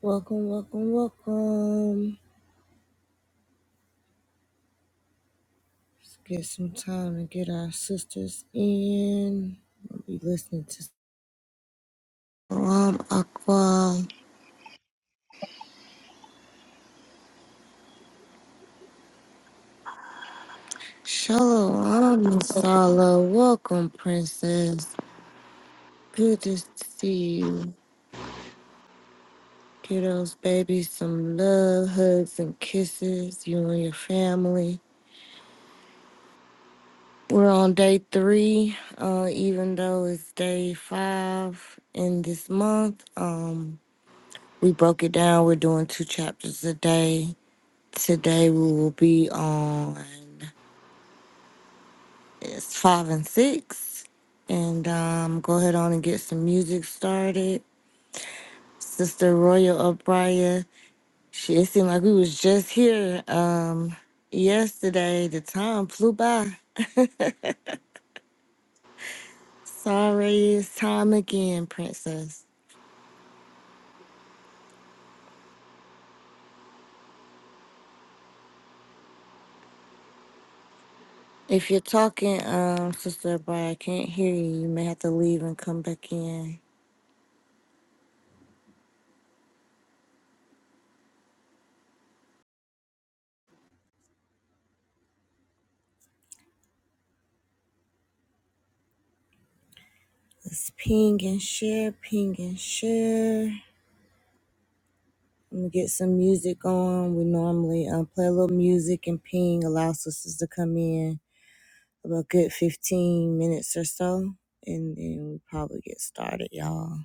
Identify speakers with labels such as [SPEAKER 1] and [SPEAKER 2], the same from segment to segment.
[SPEAKER 1] Welcome, welcome, welcome. Let's get some time to get our sisters in. We'll be listening to Salam Akbar. Shalom Masala. Welcome, Princess. Good to see you. Kiddos, baby, some love, hugs, and kisses. You and your family. We're on day three, uh, even though it's day five in this month. Um. We broke it down. We're doing two chapters a day. Today we will be on it's five and six. And um, go ahead on and get some music started. Sister Royal O'Brien. She it seemed like we was just here um yesterday. The time flew by. Sorry, it's time again, princess. If you're talking, um, Sister O'Brien, I can't hear you. You may have to leave and come back in. Let's ping and share, ping and share. I'm gonna get some music on. We normally um, play a little music and ping, allow sisters to come in about a good 15 minutes or so, and then we probably get started, y'all.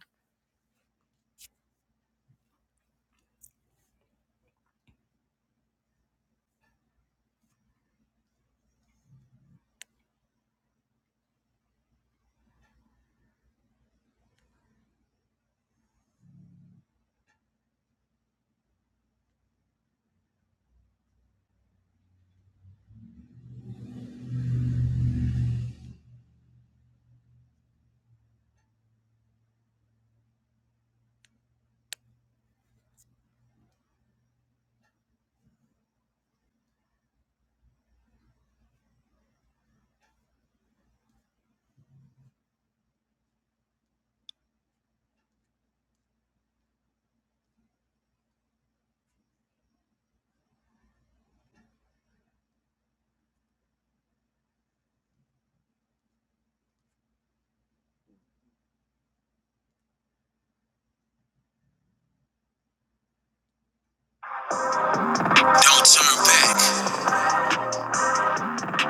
[SPEAKER 1] Don't turn back.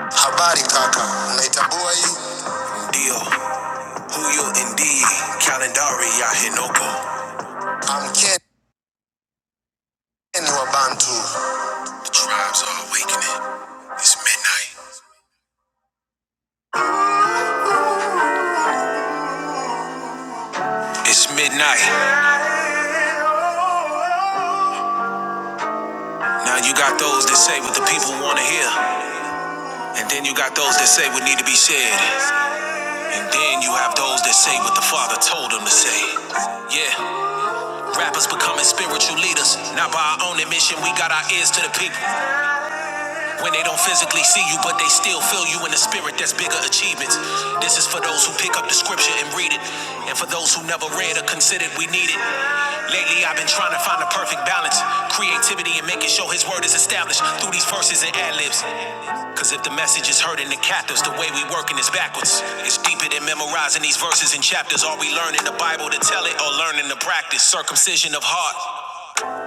[SPEAKER 1] Habari kaka, unaitambua hii? Ndio, huyo ndiye kalendari ya Henoko. I'm Ken. The tribes are awakening. It's midnight. It's midnight. Now you got those that say what the people want to hear. And then you got those that say what need to be said. And then you have those that say what the Father told them to say. Yeah, rappers becoming spiritual leaders. Not by our own admission, we got our ears to the people. When they don't physically see you, but they still feel you in the spirit, that's bigger achievements. This is for those who pick up the scripture and read it, and for those who never read or considered we need it. Lately, I've been trying to find the perfect balance, creativity, and making sure His word is established through these verses and ad libs. Cause if the message is hurting the captives, the way we working is backwards. It's deeper than memorizing these verses and chapters. Are we learning the Bible to tell it or learning to practice? Circumcision of heart.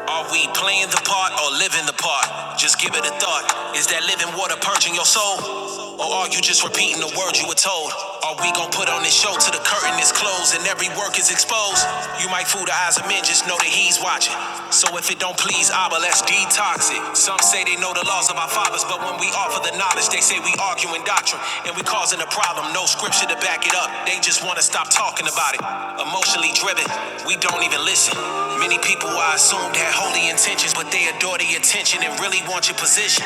[SPEAKER 1] Are we playing the part or living the part? Just give it a thought. Is that living water purging your soul? Or are you just repeating the words you were told? Are we gonna put on this show till the curtain is closed and every work is exposed? You might fool the eyes of men, just know that he's watching. So if it don't please Abba, let's detox it. Some say they know the laws of our fathers, but when we offer the knowledge, they say we arguing doctrine and we causing a problem. No scripture to back it up. They just wanna stop talking about it. Emotionally driven, we don't even listen. Many people I assumed claimed had holy intentions, but they adore the attention and really want your position.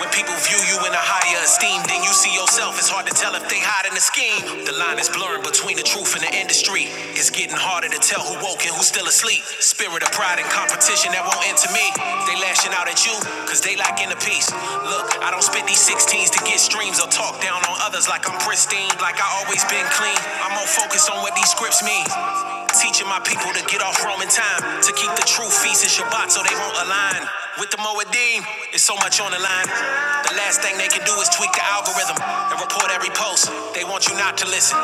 [SPEAKER 1] When people view you in a higher esteem than you see yourself, it's hard to tell if they hide in the scheme. The line is blurring between the truth and the industry. It's getting harder to tell who woke and who's still asleep. Spirit of pride and competition that won't end to me. They lashing out at you, cause they lacking the peace. Look, I don't spit these 16s to get streams or talk down on others like I'm pristine, like I always been clean. I'm more focused on what these scripts mean. Teaching my people to get off Roman time, to keep the truth feast and Shabbat, so they won't align. With the Moedim, it's so much on the line. The last thing they can do is tweak the algorithm and report every post. They want you not to listen,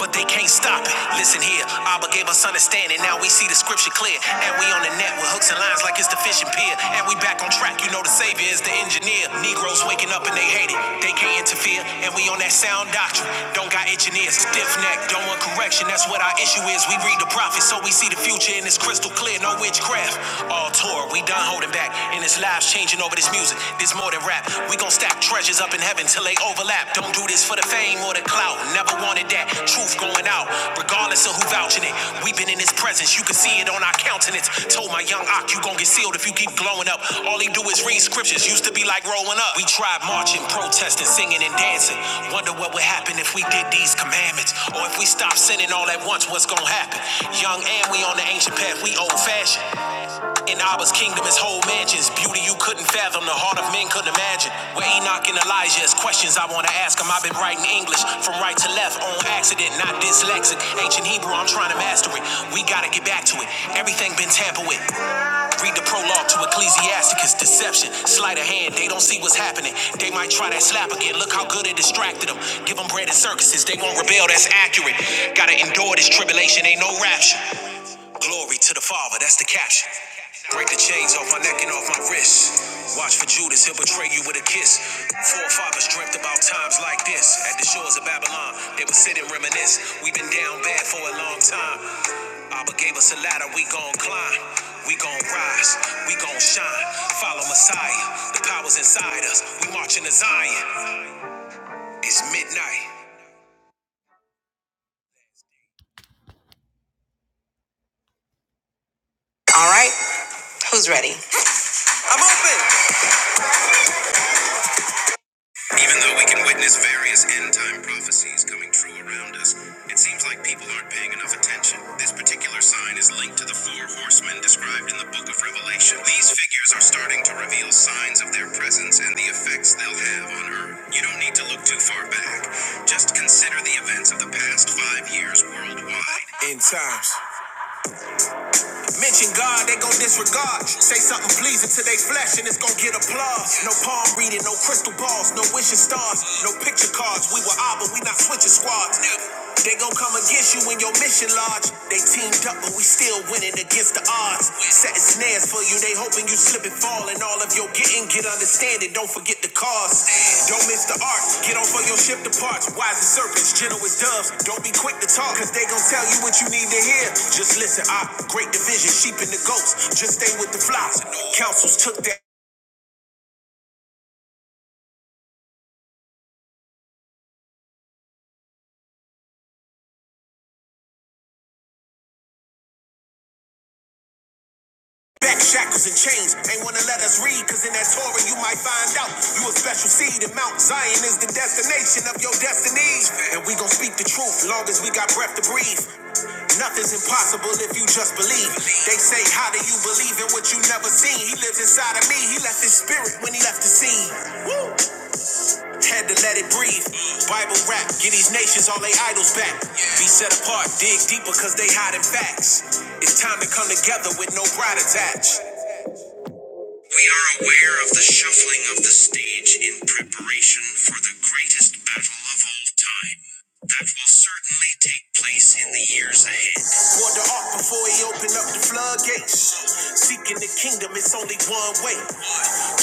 [SPEAKER 1] but they can't stop it. Listen here, Abba gave us understanding. Now we see the scripture clear, and we on the net with hooks and lines like it's the fishing pier. And we back on track. You know the savior is the engineer. Negroes waking up and they hate it. They can't interfere, and we on that sound doctrine. Don't got itching ears, stiff neck. Don't want correction. That's what our issue is. We read the prophets, so we see the future, and it's crystal clear. No witchcraft craft. All tour, we done holding back. And it's lives changing over this music. This more than rap. We gon' stack treasures up in heaven till they overlap. Don't do this for the fame or the clout. Never wanted that. Truth going out, regardless of who vouching it. We been in his presence. You can see it on our countenance. Told my young Ock, you gon' get sealed if you keep glowing up. All he do is read scriptures. Used to be like rolling up. We tried marching, protesting, singing, and dancing. Wonder what would happen if we did these commandments. Or if we stopped sinning all at once, what's gonna happen? Young and we on the ancient path, we old fashioned. In Abba's kingdom is whole mansions, beauty you couldn't fathom, the heart of men couldn't imagine. Where Enoch and Elijah is questions I wanna ask him. I've been writing English from right to left on accident, not dyslexic. Ancient Hebrew, I'm trying to master it. We gotta get back to it. Everything been tampered with. Read the prologue to Ecclesiasticus, deception, sleight of hand. They don't see what's happening. They might try that slap again. Look how good it distracted them. Give them bread and circuses. They won't rebel. That's accurate. Gotta endure this tribulation. Ain't no rapture. Glory to the Father. That's the caption. Break the chains off my neck and off my wrist. Watch for Judas, he'll betray you with a kiss. Forefathers dreamt about times like this. At the shores of Babylon, they would sit and reminisce. We've been down bad for a long time. Abba gave us a ladder, we gon' climb. We gon' rise, we gon' shine. Follow Messiah, the power's inside us. We marching to Zion. It's midnight. All right, who's ready? I'm open. Even though we can witness various end time prophecies coming true around us, it seems like people aren't paying enough attention. This particular sign is linked to the four horsemen described in the book of Revelation. These figures are starting to reveal signs of their presence and the effects they'll have on Earth. You don't need to look too far back. Just consider the events of the past five years worldwide mention God, they gon' disregard. Say something pleasing to their flesh and it's gon' get applause. No palm reading, no crystal balls, no wishing stars, no picture cards. We were all, but we not switching squads. They gon' come against you in your mission lodge. They teamed up, but we still winning against the odds. Setting snares for you, they hoping you slip tripping, fall, and all of your getting, get understanding. Don't forget the cause. Don't miss the art. Get on for your ship to parts. Wise as serpents, gentle as doves. Don't be quick to talk, cause they gon' tell you what you need to hear. Just listen, Ah, great division, sheep and the goats. Just stay with the flocks. Councils took that. Back shackles and chains, ain't wanna let us read, cause in that Torah you might find out you a special seed, and Mount Zion is the destination of your destiny. And we gon' speak the truth, long as we got breath to breathe. Nothing's impossible if you just believe. They say, How do you believe in what you never seen? He lives inside of me, he left his spirit when he left the scene. Woo! Had to let it breathe. Bible rap, get these nations all they idols back. Be set apart, dig deeper, cause they hiding facts. It's time to come together with no pride attached. We are aware of the shuffling of the stage in preparation for the greatest battle of all time. That will certainly take place in the years ahead. Water up before he opened up the floodgates. Seeking the kingdom, it's only one way.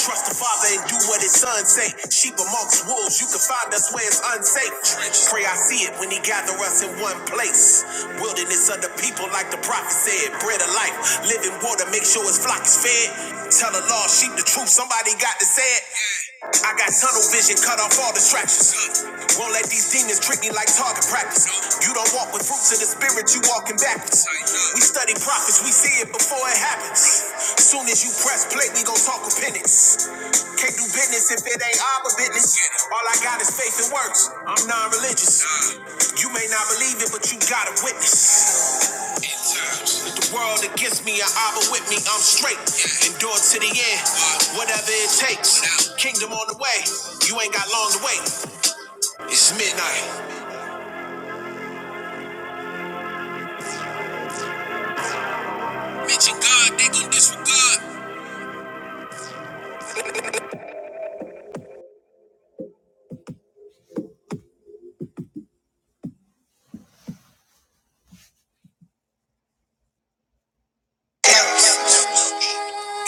[SPEAKER 1] Trust the Father and do what his son say. Sheep amongst wolves, you can find us where it's unsafe. Pray I glory, I see it when he gather us in one place. Wilderness of the people, like the prophet said, bread of life, living water, make sure his flock is fed. Tell the lost sheep the truth, somebody got to say it. I got tunnel vision, cut off all distractions. Won't let these demons trick me like target practice. You don't walk with fruits of the spirit, you walking backwards. We study prophets, we see it before it happens. Soon as you press play, we gon' talk repentance. Can't do business if it ain't our business. All I got is faith and works. I'm non-religious. You may not believe it, but you gotta witness. With the world against me, I abba with me. I'm straight, endure to the end, whatever it takes. Kingdom on the way. You ain't got long to wait. It's midnight. Mention God, they gon' disregard.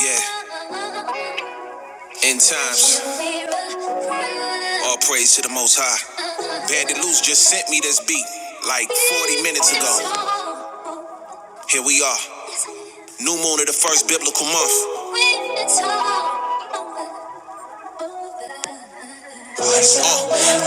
[SPEAKER 1] Yeah. End times. All praise to the Most High. Bandit Loose just sent me this beat like 40 minutes ago. Here we are. New moon of the first biblical month. Uh,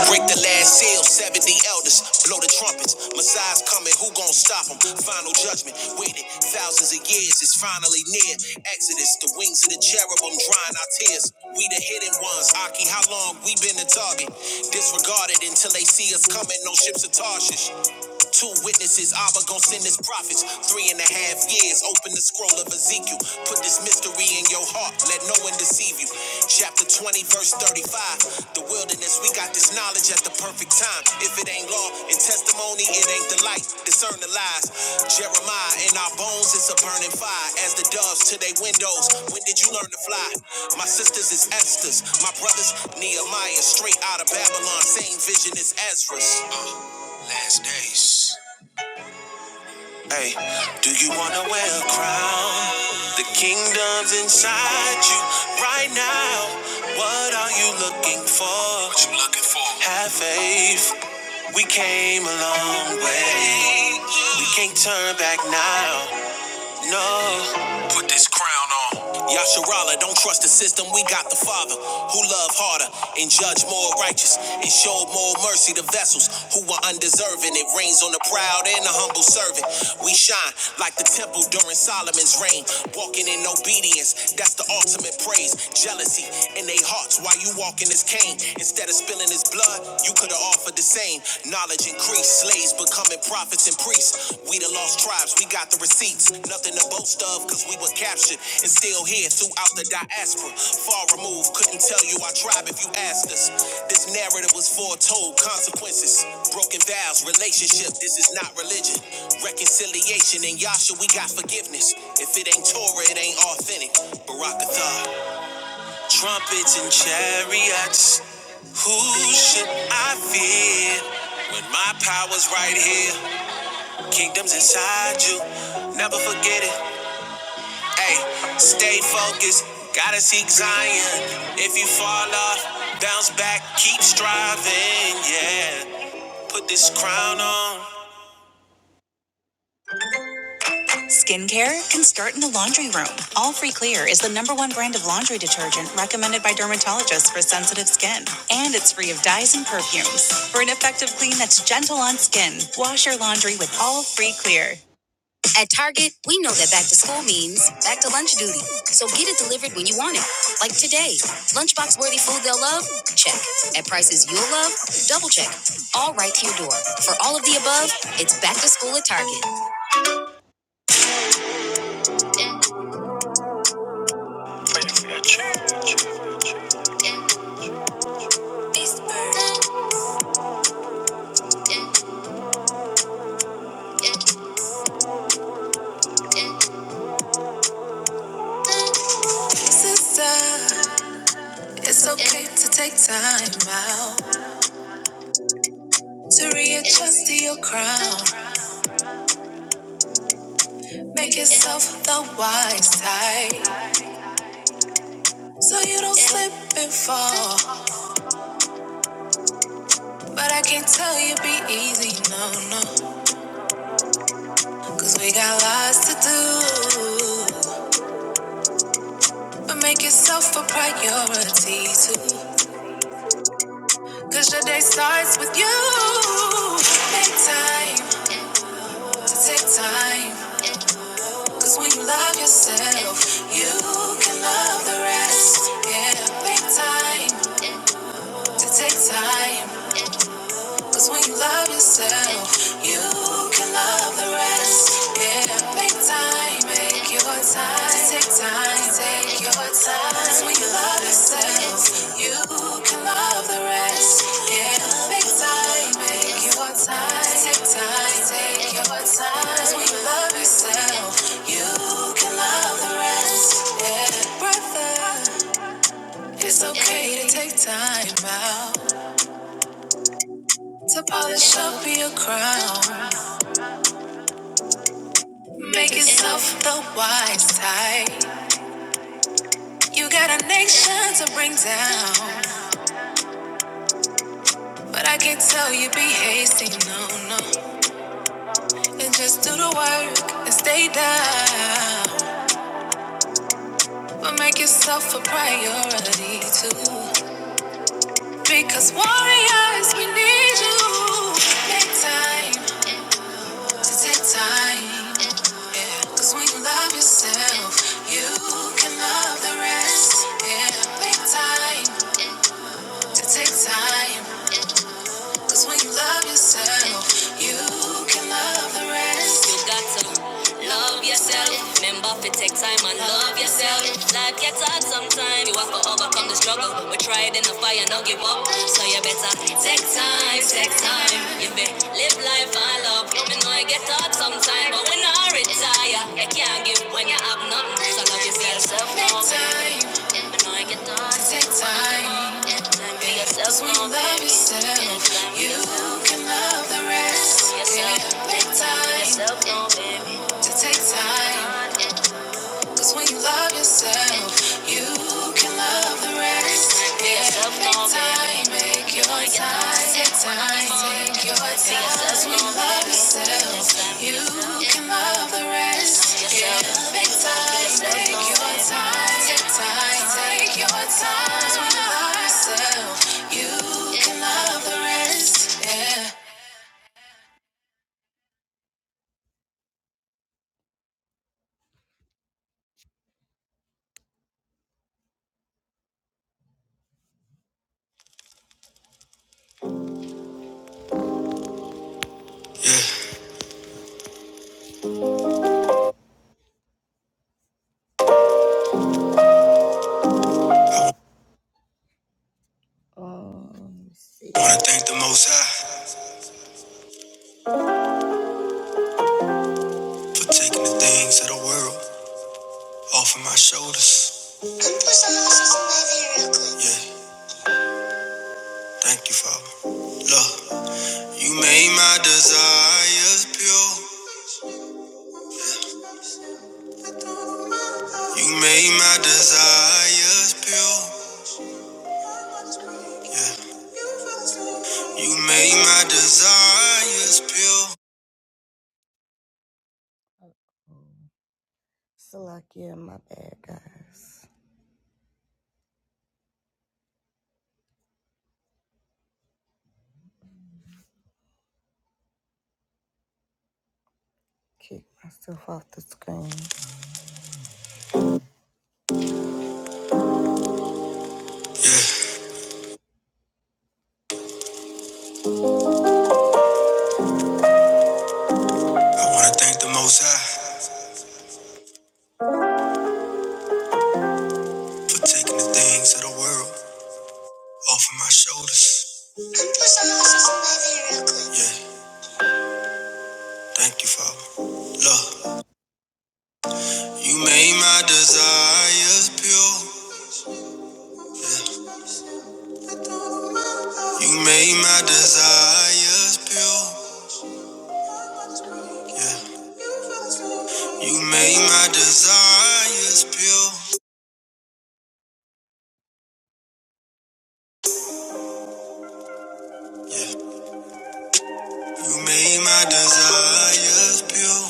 [SPEAKER 1] break the last seal, 70 elders, blow the trumpets. Messiah's coming, who gon' stop him? Final judgment, waited thousands of years, it's finally near. Exodus, the wings of the cherubim drying our tears. We the hidden ones, Aki, how long we been the target? Disregarded until they see us coming, no ships of Tarshish. Two witnesses, Abba gon' send his prophets. Three and a half years, open the scroll of Ezekiel. Put this mystery in your heart, let no one deceive you. Chapter 20, verse 35. The wilderness, we got this knowledge at the perfect time. If it ain't law and testimony, it ain't the light. Discern the lies. Jeremiah in our bones it's a burning fire. As the doves to their windows, when did you learn to fly? My sisters is Esther's, my brothers Nehemiah, straight out of Babylon. Same vision as Ezra's. Stay. Hey, do you wanna wear a crown? The kingdom's inside you right now. What are you looking for? What you looking for? Have faith. We came a long way. We can't turn back now. No. Put this crown on. Yasharala, don't trust the system. We got the Father who loved harder and judged more righteous and showed more mercy to vessels who were undeserving. It rains on the proud and the humble servant. We shine like the temple during Solomon's reign, walking in obedience. That's the ultimate praise. Jealousy in their hearts while you walking this cane. Instead of spilling his blood, you could have offered the same knowledge and creed increase. Slaves becoming prophets and priests. We the lost tribes, we got the receipts. Nothing to boast of, cause we were captured and still here throughout the diaspora. Far removed, couldn't tell you our tribe if you asked us. This narrative was foretold, consequences. Broken vows, relationship, this is not religion. Reconciliation in Yasha, we got forgiveness. If it ain't Torah, it ain't authentic. Barakathah. Trumpets and chariots, who should I fear? When my power's right here, kingdoms inside you, never forget it. Hey, stay focused, gotta seek Zion. If you fall off, bounce back, keep striving, yeah. Put this crown on. Skincare can start in the laundry room. All Free Clear is the number one brand of laundry detergent recommended by dermatologists for sensitive skin. And it's free of dyes and perfumes. For an effective clean that's gentle on skin, wash your laundry with All Free Clear. At Target, we know that back to school means back to lunch duty. So get it delivered when you want it. Like today. Lunchbox worthy food they'll love? Check. At prices you'll love? Double check. All right to your door. For all of the above, it's back to school at Target. Sister, it's okay to take time out to readjust to your crown. Make yourself the wise type so you don't slip and fall. But I can't tell you be easy, no, no, cause we got lots to do. But make yourself a priority too, cause your day starts with you. Make time to take time. Cause when you love yourself, you can love the rest. Yeah, make time to take time. Cause when you love yourself, you can love the rest. Yeah, make time, make your time. Take time, take your time. 'Cause when you love yourself, you can love the rest. Yeah, make time, make your time. Take time, take your time. 'Cause when you love yourself, you can love the rest. Yeah, brother, it's okay to take time out to polish up your crown. Make yourself the wise type. You got a nation to bring down. But I can't tell you be hasty, no, no. And just do the work and stay down. But make yourself a priority too. Because warriors, we need you. Make time to take time. Yeah. Cause when you love yourself, you can love the rest. Yeah. Make time to take time. Cause when you love yourself, you can love the rest. You got to love yourself. Remember to take time and love yourself. Life gets hard sometimes. You have to overcome the struggle. But try it in the fire, not give up. So you better take time, take time. You be live life and love. You know it get hard sometimes, but when I retire, you can't give when you have nothing. So love yourself. Take time. Take time. because Sweet love yourself. You can love the rest. Yeah. Take time. To take time. Cause when you love yourself, you can love the rest. Yeah, take time, make your time, take time, take your time. Cause when you love yourself, you can love the rest. Yeah, take time, make your time, take time, take your time. 'Cause when you love yourself, you can love the rest. Yeah. Yeah. Um, let Wanna thank the Most High for taking the things of the world. off of my shoulders. Yeah, thank you, Father. Look, you made my desires pure. You made my desires pure. Yeah, you made my desires pure. So like, yeah, my bad, guys. Kick myself off the screen. Yeah, I wanna thank the Most High for taking the things of the world off of my shoulders. Yeah, thank you, Father. Look, you made my desires pure. Yeah. You made my desires pure. You made my desires pure. You made my desires pure.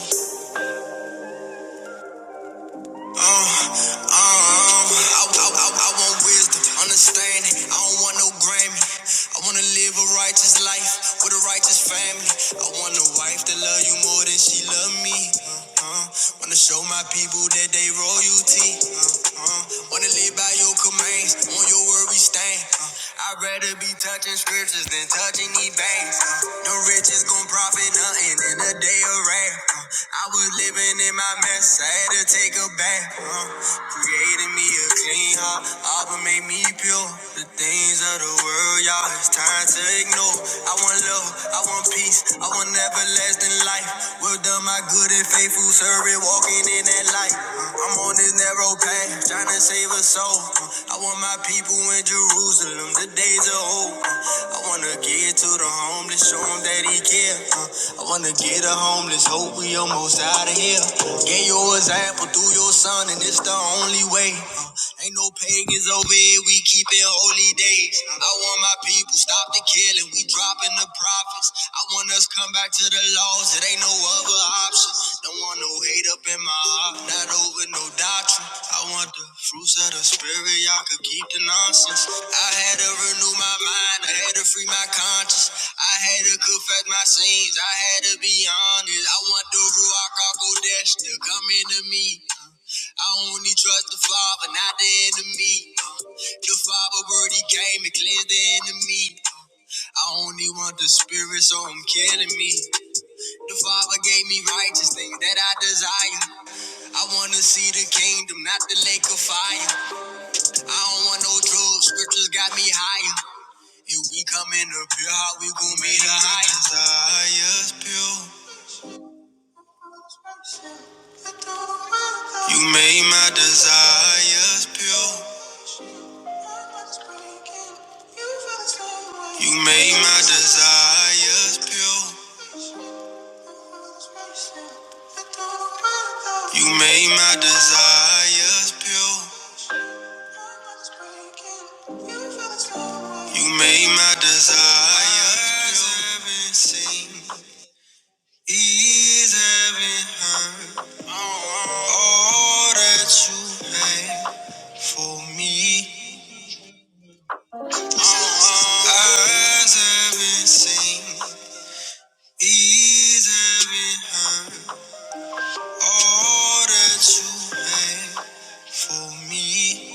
[SPEAKER 1] Uh, uh, uh, I, I, I, want wisdom, understand. I don't want no Grammy. I wanna live a righteous life with a righteous family. I want a wife that love you more than she love me. Uh, uh, wanna show my people that they royalty. Uh, uh, wanna live by your commands, on your word we stand. Uh, I'd rather be touching scriptures than touching these banks. Uh, the rich is gon' profit nothing in a day of wrath. Uh, I was living in my mess, I had to take a bath right, huh? Created me a clean heart, Abba made me pure. The things of the world, y'all, it's time to ignore. I want love, I want peace, I want everlasting life. Well done, my good and faithful servant, walking in that light. Uh, I'm on this narrow path, trying to save a soul. Uh, I want my people in Jerusalem, the days of hope. Uh, I wanna get to the homeless, show 'em him that he care. Uh, I wanna get a homeless, hope we almost out of here. Get your example through your son, and it's the only way. Uh, ain't no pagans over here, we keep it holy days. I want my people stop the killing, we dropping the profits. I want us come back to the laws, it ain't no other option. Don't want no hate up in my heart, not over no doctrine. I want the fruits of the spirit, y'all could keep the nonsense. I had to renew my mind, I had to free my conscience. I had I had to confess my sins, I had to be honest. I want the Ruach Kodesh to come into me. I only trust the Father, not the enemy. The Father word he came and cleansed the enemy. I only want the Spirit, so I'm killing me. The Father gave me righteous things that I desire. I wanna see the kingdom, not the lake of fire. I don't want no drugs, scriptures got me higher. If we come in up here, how we gon' meet the highest? You made my desires pure. You made my desires pure. You made my desires pure. You met you as heaven seen. These heaven All that you made for me,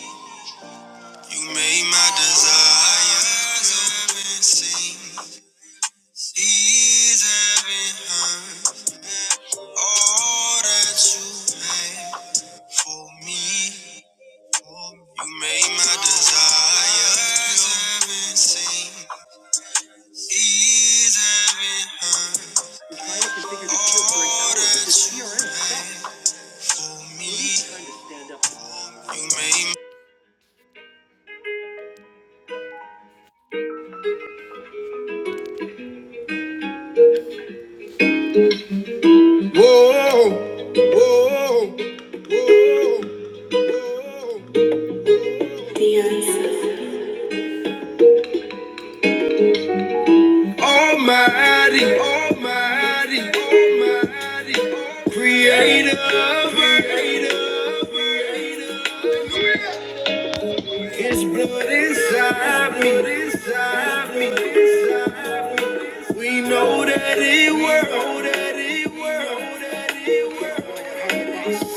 [SPEAKER 1] you made my desires haven't seen, these haven't heard. All that you made for me, you made my desires haven't seen, these haven't heard. All that you made for me. Whoa, whoa. whoa. Creator, creator, creator, His blood inside me. inside me, inside me. We know that it works.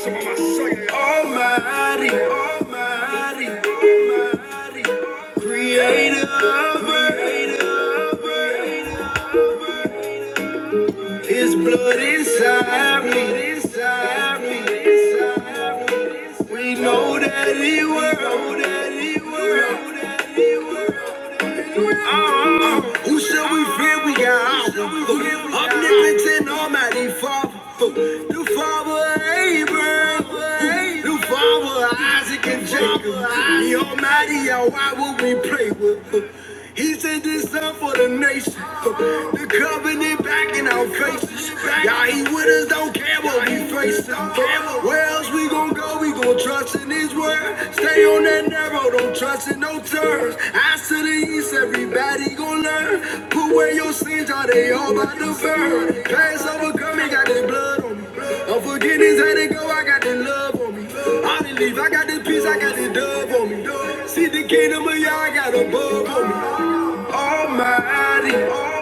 [SPEAKER 1] Almighty, Almighty, Almighty, Creator, creator.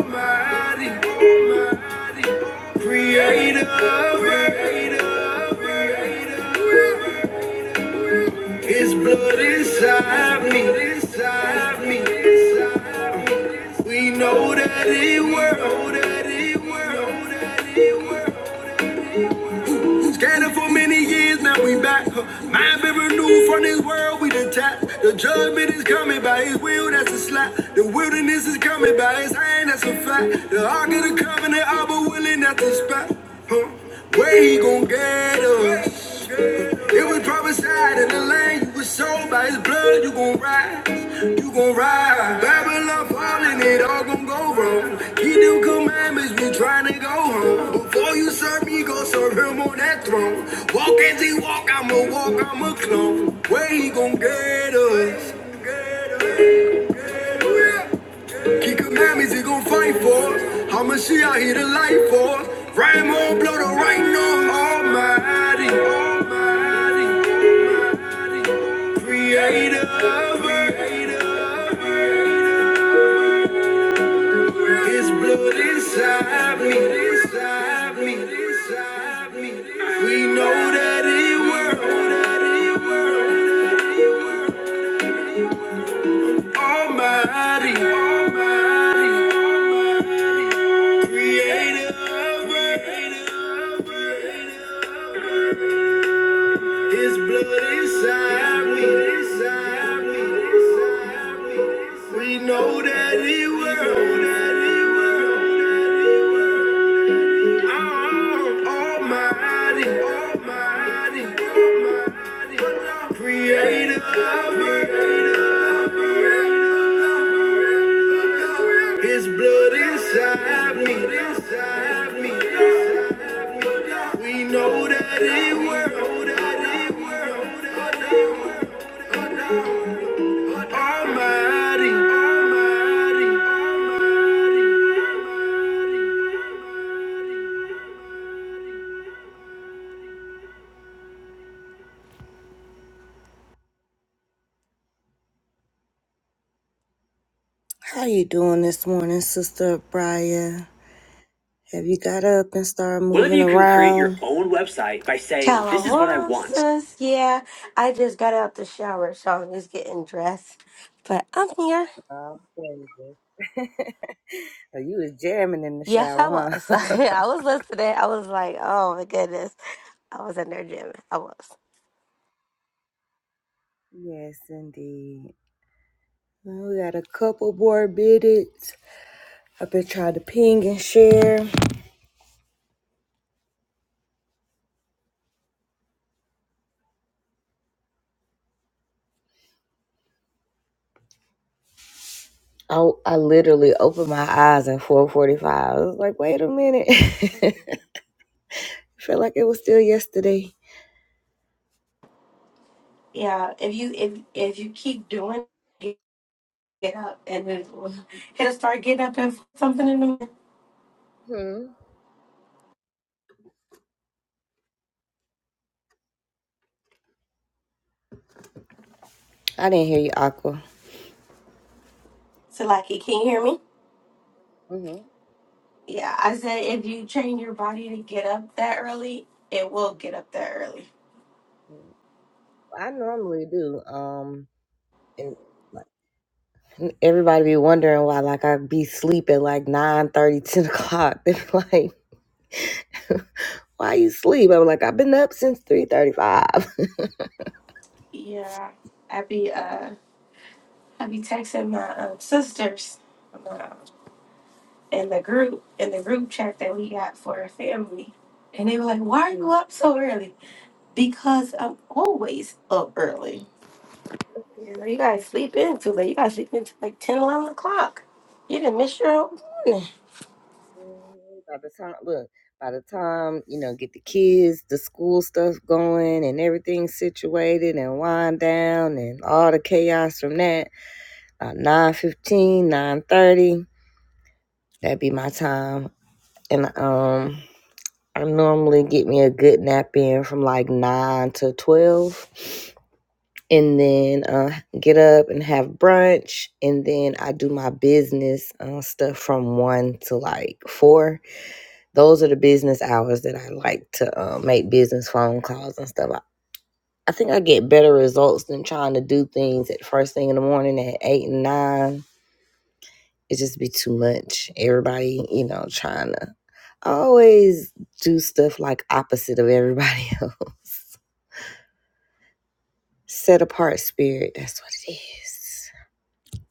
[SPEAKER 1] creator. Nothing new from this world we detached. The judgment is coming by his will, that's a slap. The wilderness is coming by his hand, that's a fact. The ark of the covenant, I was willing, that's a spot. Huh? Where he gon' get us? It was prophesied in the land you was sold by his blood. You gon' rise, you gon' rise. Babylon falling, it all gon' go wrong. Keep them commandments, we tryna go home. Before you serve me, go serve him on that throne. Walk as he walk, I'ma walk, I'ma clone. Where he gon' get us? Key commandments he gon' fight for us. How much he out here to light for us? Rhyme on, blow the right on Almighty, Almighty, Almighty, Creator of earth. His blood inside me, inside me, inside me. We know that it works. Almighty, Almighty, Creator His blood inside me. We know that He works. How you doing this morning, Sister Brian? Have you got up and started moving around? Whether you can create your own website by saying, "This is what I
[SPEAKER 2] Shalom,
[SPEAKER 1] want."
[SPEAKER 2] sis. Yeah, I just got out the shower, so I'm just getting dressed. But I'm here.
[SPEAKER 1] Oh, baby. Oh, you was jamming in the
[SPEAKER 2] Yes, I
[SPEAKER 1] shower,
[SPEAKER 2] was.
[SPEAKER 1] huh?
[SPEAKER 2] I was listening. I was like, oh my goodness, I was in there jamming. I was.
[SPEAKER 1] yes, indeed. Well, We got a couple more minutes. I've been trying to ping and share. Oh, I literally opened my eyes at 4:45. I was like, wait a minute. I Feel like it was still yesterday.
[SPEAKER 2] Yeah, if you if if you keep doing, it, get up and it, will- it'll start getting up and something in the morning.
[SPEAKER 1] Hmm. I didn't hear you, Aqua.
[SPEAKER 2] So, like, can you hear me?
[SPEAKER 1] hmm
[SPEAKER 2] Yeah, I said if you train your body to get up that early, it will get up that early.
[SPEAKER 1] I normally do. Um, and like, everybody be wondering why, like, I be sleeping like nine thirty, ten o'clock. They be like, why you sleep? I'm like, I've been up since 3:35.
[SPEAKER 2] Yeah, i be uh. I be texting my um, sisters um, in the group in the group chat that we got for our family, and they were like, "Why are you up so early?" Because I'm always up early. You know, you guys sleep in too late. You guys sleep in till like 10, 11 o'clock. You didn't miss your own morning.
[SPEAKER 1] By the time, look, by the time, you know, get the kids, the school stuff going and everything situated and wind down and all the chaos from that, about 9.15, that'd be my time. And um, I normally get me a good nap in from like 9 to 12 and then uh, get up and have brunch. And then I do my business uh, stuff from 1 to like 4 Those are the business hours that I like to uh, make business phone calls and stuff. I, I think I get better results than trying to do things at first thing in the morning at eight and nine. It just be too much. Everybody, you know, trying to I always do stuff like opposite of everybody else. Set apart spirit. That's what it is.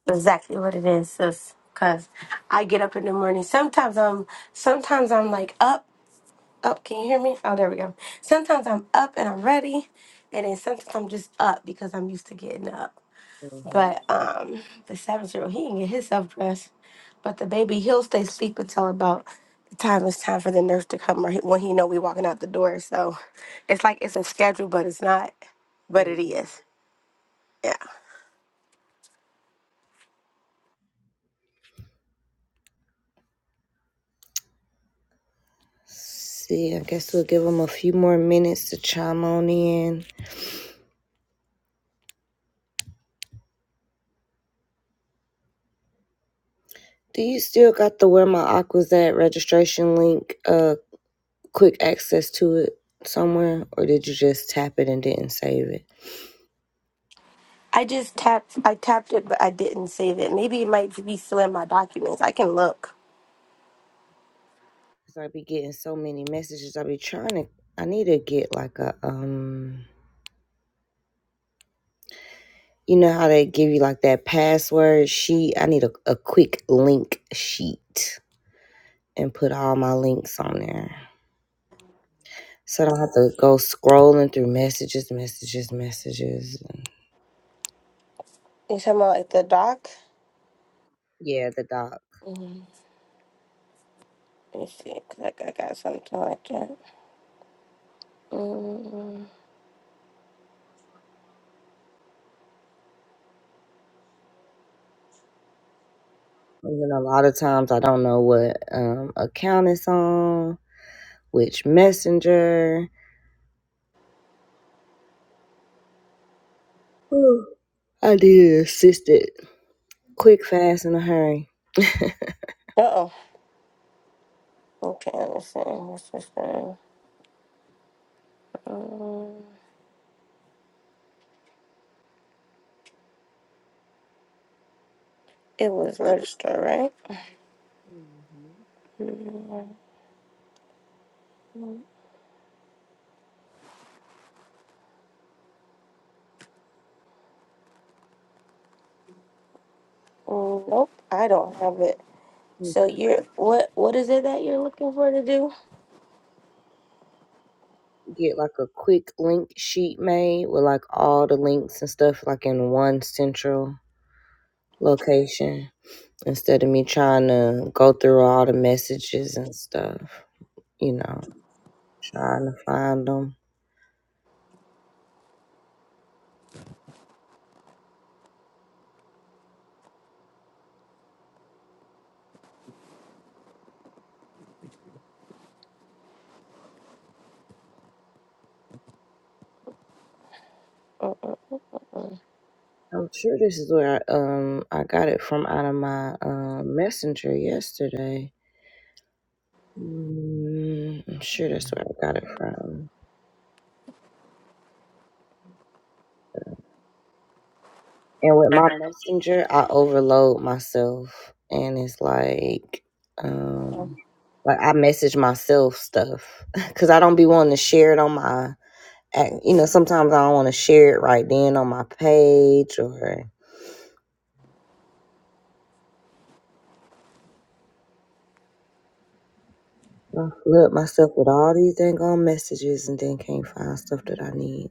[SPEAKER 2] Exactly what it is, sis. Cause I get up in the morning. Sometimes I'm, sometimes I'm like up. Oh, can you hear me? Oh, there we go. Sometimes I'm up and I'm ready, and then sometimes I'm just up because I'm used to getting up. But um, the seven-year-old he can get himself dressed, but the baby he'll stay asleep until about the time it's time for the nurse to come or he- when he know we walking out the door. So it's like it's a schedule, but it's not, but it is. Yeah.
[SPEAKER 1] See, I guess we'll give them a few more minutes to chime on in. Do you still got the where my aqua's at registration link? Uh. quick access to it somewhere, or did you just tap it and didn't save it?
[SPEAKER 2] I just tapped. I tapped it, but I didn't save it. Maybe it might be still in my documents. I can look.
[SPEAKER 1] Cause I be getting so many messages. I be trying to. I need to get like a um. You know how they give you like that password sheet? I need a, a quick link sheet and put all my links on there. So I don't have to go scrolling through messages, messages, messages.
[SPEAKER 2] You talking about at the doc?
[SPEAKER 1] Yeah, the doc.
[SPEAKER 2] Let me see, 'cause I got, got something like that. Mm.
[SPEAKER 1] And then a lot of times I don't know what um, account it's on, which messenger. I did an assisted quick, fast, in a hurry.
[SPEAKER 2] Uh-oh. Okay, let me see. What's this thing? Mm. It was registered, right? Mm, Nope, I don't have it. So you're what? What is it that you're looking for to do?
[SPEAKER 1] Get like a quick link sheet made with like all the links and stuff like in one central location instead of me trying to go through all the messages and stuff, you know, trying to find them.
[SPEAKER 2] Mm.
[SPEAKER 1] I'm sure this is where I, um I got it from out of my um messenger yesterday. Mm, I'm sure that's where I got it from. And with my messenger, I overload myself, and it's like, um, like I message myself stuff because I don't be wanting to share it on my And, you know, sometimes I don't want to share it right then on my page or I flood myself with all these dang on messages and then can't find stuff that I need.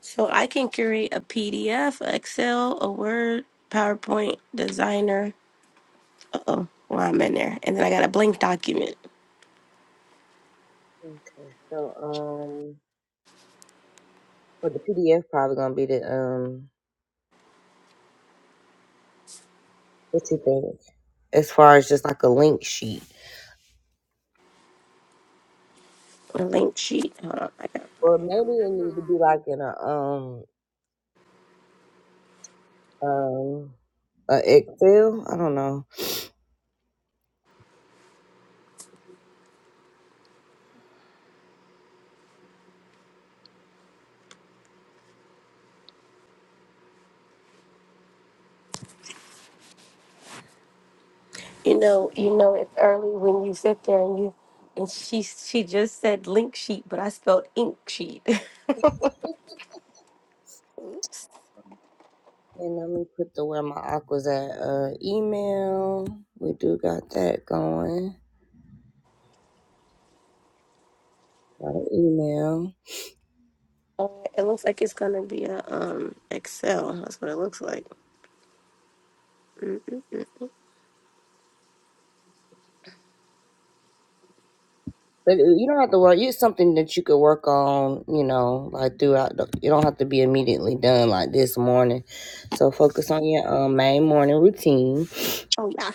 [SPEAKER 2] So I can create a PDF, Excel, a Word, PowerPoint, Designer. Uh oh, well I'm in there, and then I got a blank document,
[SPEAKER 1] Okay, so um, for the PDF, probably gonna be the um, what you think as far as just like a link sheet,
[SPEAKER 2] a link sheet. Hold on, I got.
[SPEAKER 1] or maybe it need to be like in a um um a Excel. I don't know.
[SPEAKER 2] You know, you know, it's early when you sit there and you and she she just said link sheet, but I spelled ink sheet. Oops.
[SPEAKER 1] And let me put the where my aqua's at uh, email. We do got that going. Got an email.
[SPEAKER 2] Uh, it looks like it's gonna be a um Excel. That's what it looks like. Mm.
[SPEAKER 1] But you don't have to worry. You
[SPEAKER 2] Oh yeah,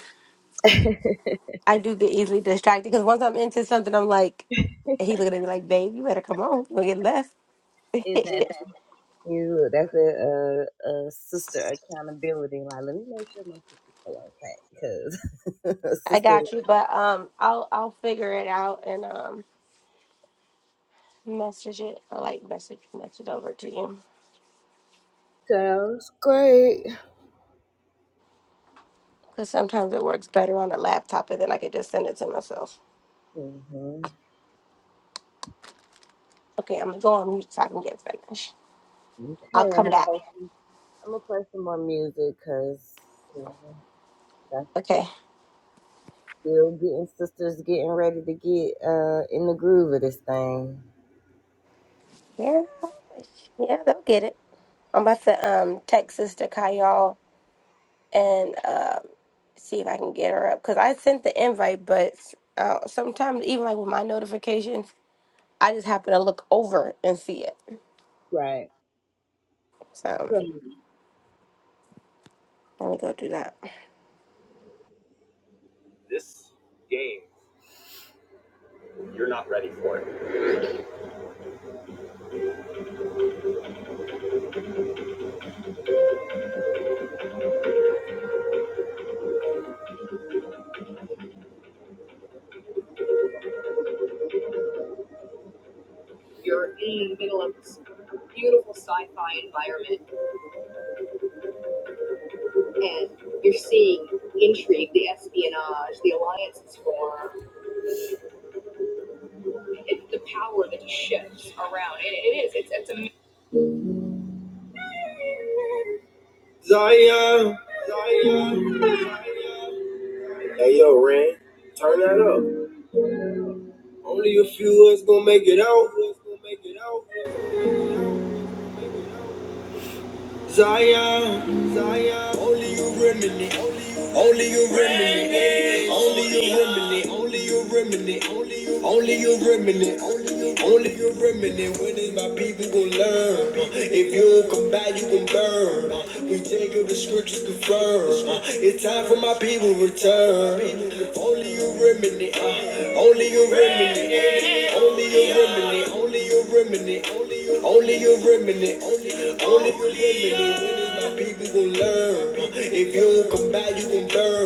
[SPEAKER 2] I do get easily distracted because once I'm into something, I'm like, and he looking at me like, babe, you better come on, we'll get left. I
[SPEAKER 1] sister
[SPEAKER 2] got you, but um, I'll I'll figure it out and um message it. I like message message it over to you. Because sometimes it works better on the laptop and then I can just send it to myself. Okay, I'm gonna go on mute so I can get finished. I'll come back.
[SPEAKER 1] some more music because
[SPEAKER 2] Okay.
[SPEAKER 1] you'll get.
[SPEAKER 2] Yeah, yeah, they'll get it. I'm about to um text Sister Kyle and um see if I can get her up because I sent the invite, but uh, sometimes even like with my notifications, I just happen to look over and see it. So let me go do that.
[SPEAKER 1] You're in the middle of this beautiful sci-fi environment. and you're seeing intrigue, the espionage, the alliances formed, it, the power that shifts around. It, it is. It's it's amazing. Hey yo, Ren, turn that up. Only a few of us gonna make it out. Gonna make it out. Zion, Zion, only you remedy, only you remedy, only you remedy, only you remedy, only you remedy, only you remedy. When is my people gonna learn? If you don't come back, you gon' burn. We take up the scriptures confirmed. It's time for my people to return. Only you remedy, only you remedy. When you gon' learn? If you don't come back, you gon' burn.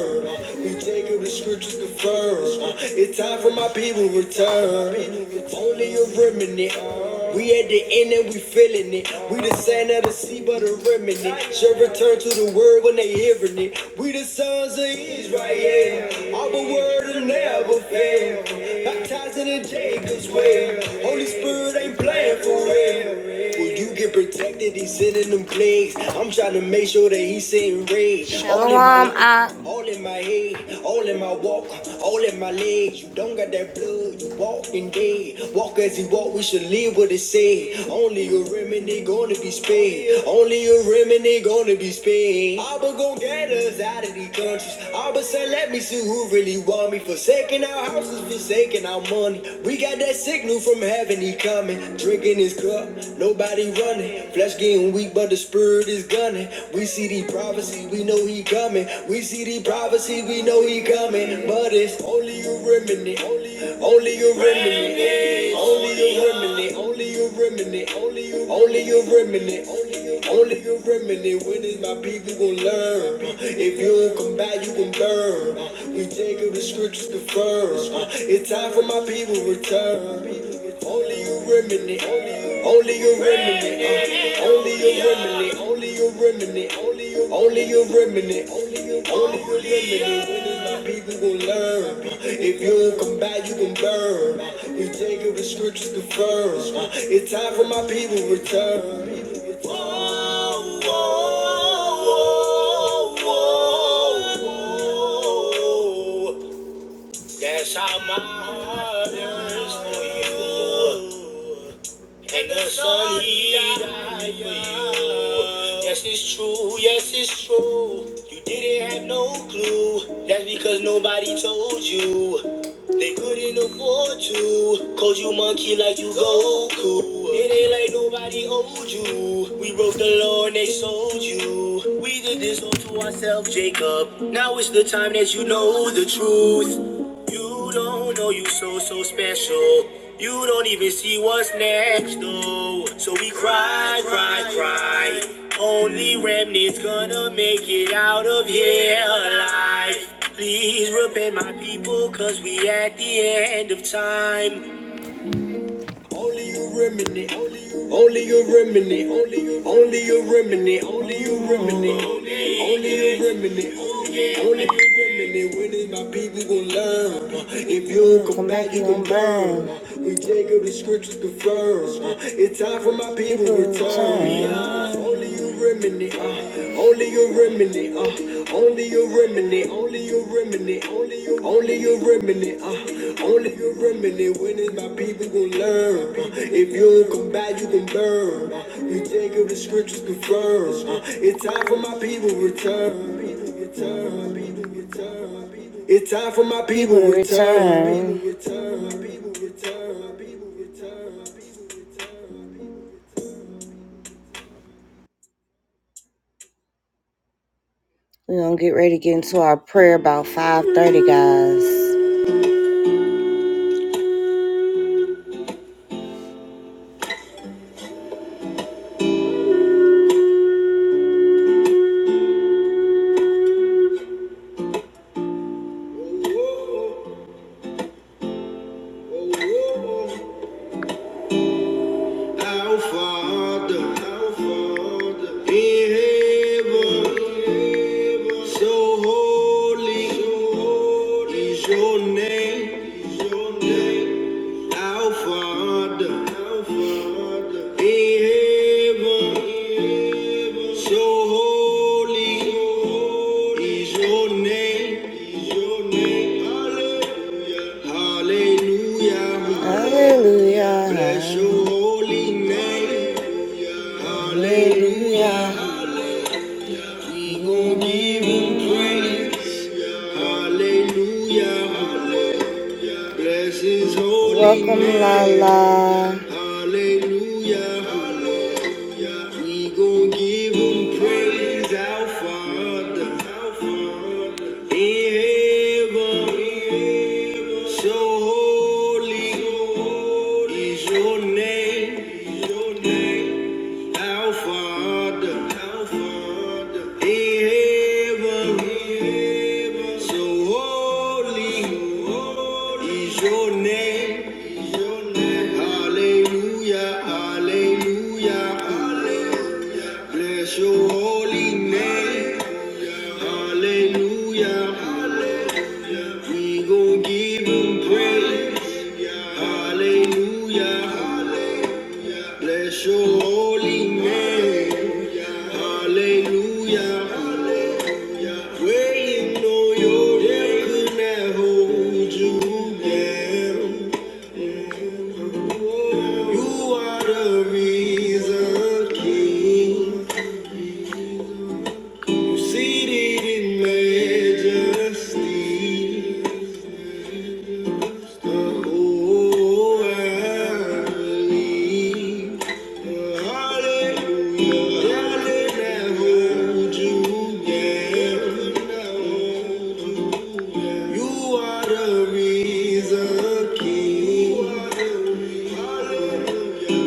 [SPEAKER 1] Take it, the scriptures confirm. Uh, It's time for my people to return. Only a remnant. We at the end and we feeling it. We the sand of the sea, but a remnant. Shall return to the word when they hearing it. We the sons of Israel. All the word will never fail. Baptized in Jacob's way. Holy Spirit ain't playing for real. Will you get protected? He's sending them plagues. I'm trying to make sure that he's sitting rage. Shalom, ah. all in my head, all in my walk, all in my legs. You don't got that blood, you walking dead. Walk as he walk, we should live what it said. Only a remnant gonna be spared. Only a remnant to be letters out of these countries. All of a sudden, let me see who really want me. Forsaking our houses, forsaking our money. We got that signal from heaven, he coming. Drinking his cup, nobody running. Flesh getting weak, but the spirit is gunning. We see the prophecy, we know he coming. We see the prophecy, we know he coming. But it's only a remnant, only a remnant, only a remnant, only a remnant, only a remnant, only a remnant. Only if you remedy with it, my people gon' learn. If you don't come back, you gon' burn. We take up the scriptures to firm. It's time for my people to return. Only you remnant. Only you remnant. Only you remnant. Only you remnant. Only you remnant. Only you remedy. Only the remedy is my people gon' learn. If you don't come back, you gon' burn. We take it with scriptures confirmed. It's time for my people to return. Whoa, whoa, whoa, whoa. That's how my heart is for you and the sun he died for you. Yes, it's true, yes, it's true. You didn't have no clue. That's because nobody told you. They couldn't afford to. Cause you monkey like you Goku. It ain't like nobody owed you. We broke the law and they sold you. We did this all to ourselves, Jacob. Now it's the time that you know the truth. You don't know you so, so special. You don't even see what's next, though. So we cry, cry, cry. Only remnants gonna make it out of here alive. Please repay my people, cause we at the end of time. Only you remedy, only you remedy, only you only you remedy, only you remedy, only you remedy, only you remedy. When is my people gon' learn? If you don't come back, you gon' burn. We take up the scriptures confirm. It's time for my people to return you remedy, uh, only you remedy, uh, only you remedy, only you remedy, only you, only you remedy, uh, only you remedy. When is my people gonna learn? Uh, if you don't come back, you can burn. Uh, we take of the scriptures confirmed. Uh, it's time for my people to return. return. It's time for my people to return. Return. We're gonna get ready to get into our prayer about 5:30, guys. Our Father, so your name. Our Father, in heaven, so holy is your name. Hallelujah. Hallelujah. Hallelujah. Bless your holy name. Hallelujah. We gon' give Him praise. Hallelujah. Welcome, Lala. Hallelujah. Hallelujah. We gon' give him praise, our Father. Our Father. In heaven. So holy is your name. your name. Our in heaven, so holy, is your name, hallelujah, hallelujah. Bless your holy name. Hallelujah. Hallelujah. Hallelujah. We gon' give him praise. Hallelujah. Hallelujah. Bless your holy name. Hallelujah. Hallelujah. When you know your day could never hold you down. You are the reason, King. Seated in majesty, the whole world believes. Hallelujah, God will hold you down. You are the reason, King. Hallelujah.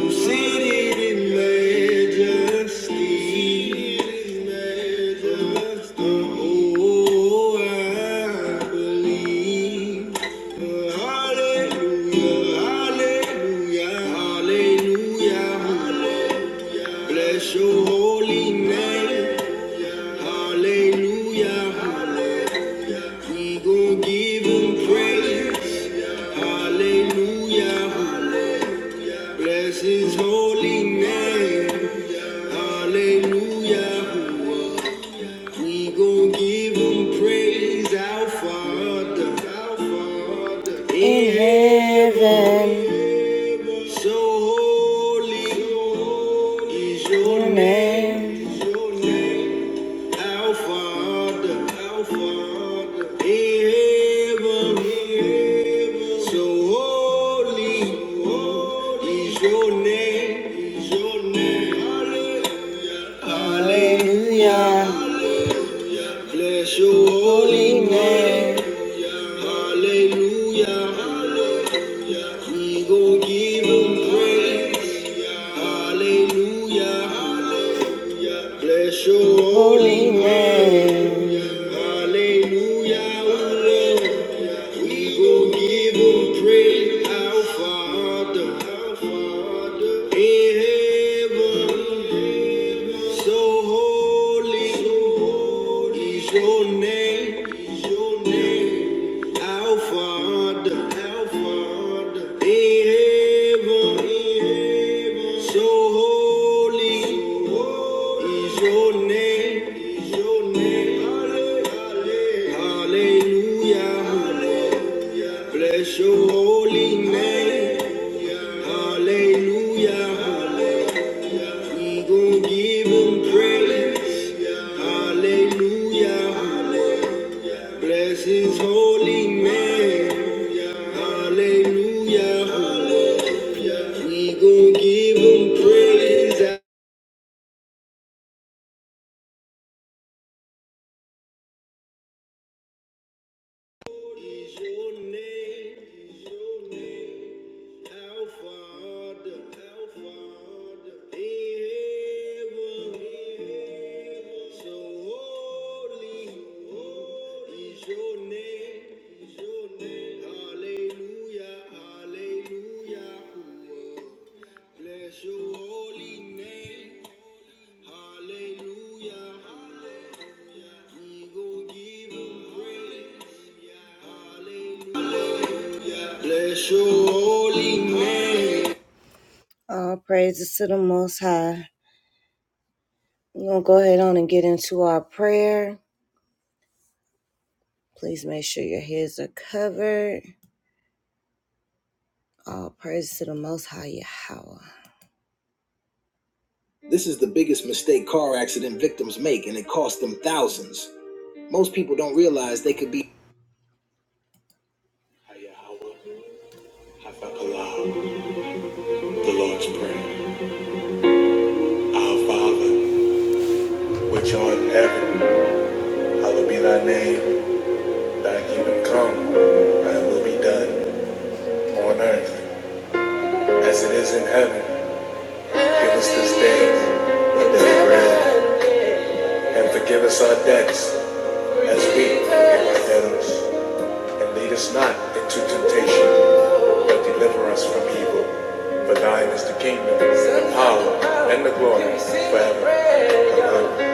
[SPEAKER 1] Seated in majesty, in majesty, oh, I believe. Hallelujah, hallelujah, hallelujah, Bless your holy name, hallelujah, We gon' give 'em praise, hallelujah, hallelujah. Bless his holy name. Hallelujah. We gon' give him praise, our Father. Our Father. In heaven. So holy is your name. Is your name. Our Father, our Father, in heaven, so holy is your name, is your Bless your holy name. Hallelujah. We gon' give him praise. Hallelujah. Hallelujah. Bless your holy name. Hallelujah. oh Lord. We gon' give him praise. Our Father. Our Father. In heaven. So holy. Your name, your name, Alpha, Alpha, in heaven, in heaven. So holy so holy is your name, is your name. Hallelujah, hallelujah. hallelujah, Bless your holy name. Hallelujah. hallelujah. I'm going praise. Hallelujah. Bless his holy name. Hallelujah. We gon' give him praise. Our Father, in heaven, so holy is your name. Hallelujah, hallelujah. Bless your holy. hallelujah. All praises to the Most High. We're going to go ahead on and get into our prayer. Please make sure your heads are covered. All praises to the Most High Yahweh. This is the biggest mistake car accident victims make, and it costs them thousands. Most people don't realize they could be. Hafakallah, The Lord's Prayer. Our Father, which art in heaven, hallowed be thy name. Thy kingdom come, thy will be done on earth as it is in heaven. Give us this day our daily bread, and forgive us our debts, as we forgive our debtors. And lead us not into temptation, but deliver us from evil. For thine is the kingdom, the power, and the glory forever. Amen.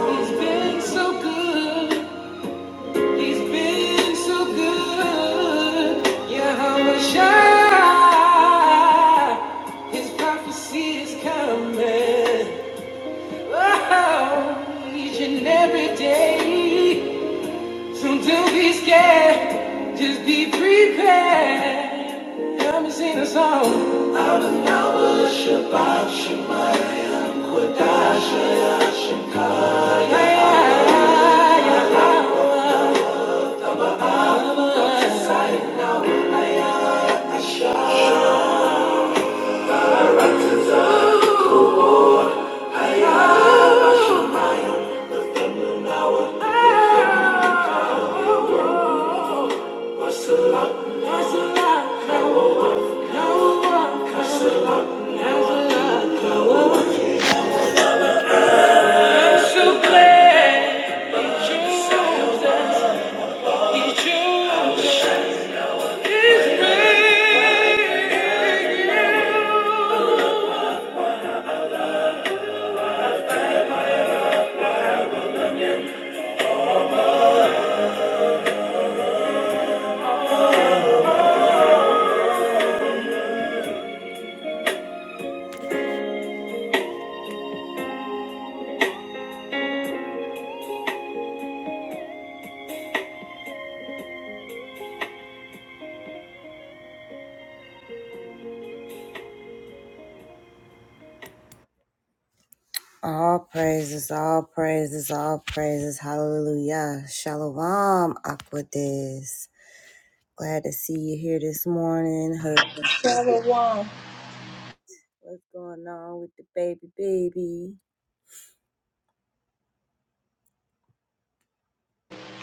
[SPEAKER 1] He's been so good. He's been so good. Yahweh Shai. His prophecy is coming. Oh, each and every day. So don't be scared, just be prepared. Come and sing a song. Out of Yahweh, Shabbat, Shabbat, Kodash, Hashem, Kaya. Oh, Salah, Salah, Kawa, Kawa, Salah, Salah, Kawa. So All praises, all praises, all praises. Hallelujah. Shalom, Aquadis. Glad to see you here this morning. Husband,
[SPEAKER 3] Number one,
[SPEAKER 1] What's going on with the baby, baby?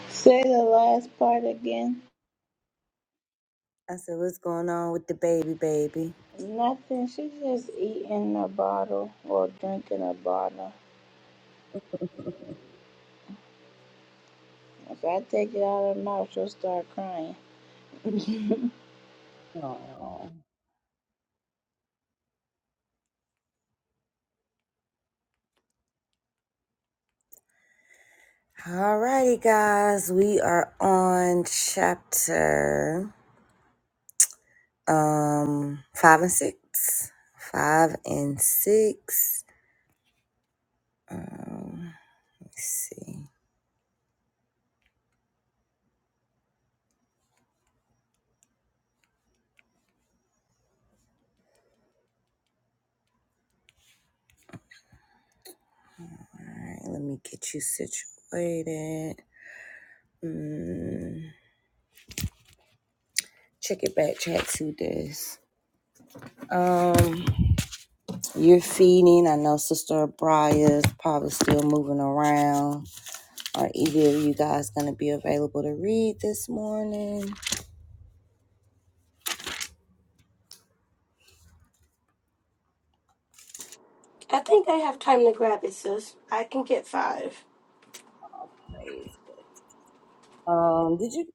[SPEAKER 3] say the last part again.
[SPEAKER 1] I said, what's going on with the baby, baby?
[SPEAKER 3] Nothing. She just eating a bottle or drinking a bottle. If I take it out of her mouth, she'll start crying.
[SPEAKER 1] All righty, guys. We are on chapter Um, five and six. Five and six. Let's see. All right, let me get you situated. Mm, check it back, chat to this. Um, you're feeding. I know Sister Briar's probably still moving around. Are either of you guys gonna be available to read this morning?
[SPEAKER 2] I think I have time to grab it, sis. I can get five.
[SPEAKER 1] Um, did you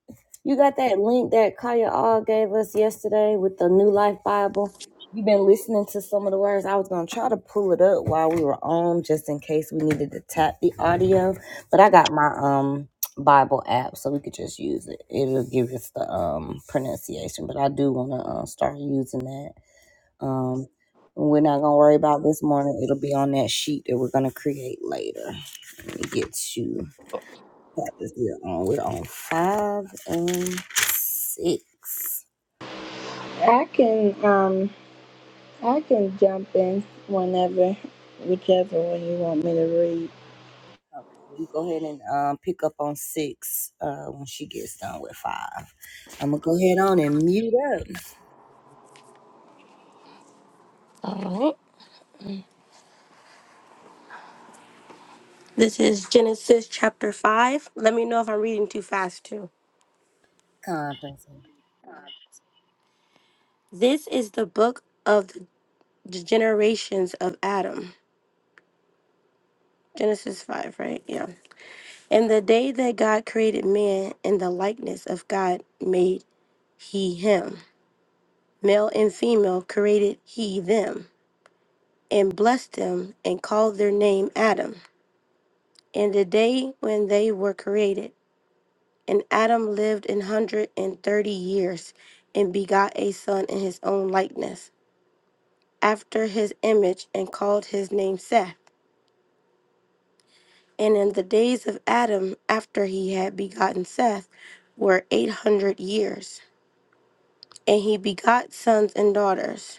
[SPEAKER 1] you got that link that Kaya All gave us yesterday with the New Life Bible? You've been listening to some of the words. I was gonna try to pull it up while we were on, just in case we needed to tap the audio. But I got my um Bible app, so we could just use it. It'll give us the um pronunciation. But I do want to uh, start using that. Um, we're not gonna worry about this morning. It'll be on that sheet that we're gonna create later. Let me get you. We're on, we're on five and six.
[SPEAKER 3] I can um I can jump in whenever, whichever one you want me to read.
[SPEAKER 1] We go ahead and um, pick up on six uh, when she gets done with five. I'm gonna go ahead on and mute up.
[SPEAKER 2] All right. This is Genesis chapter 5. Let me know if I'm reading too fast, too. This is the book of the generations of Adam. Genesis 5, right? Yeah. And the day that God created man in the likeness of God made he him. Male and female created he them, and blessed them, and called their name Adam. And the day when they were created, and Adam lived an hundred and thirty years, and begot a son in his own likeness after his image and called his name Seth. And in the days of Adam, after he had begotten Seth, were eight hundred years. And he begot sons and daughters.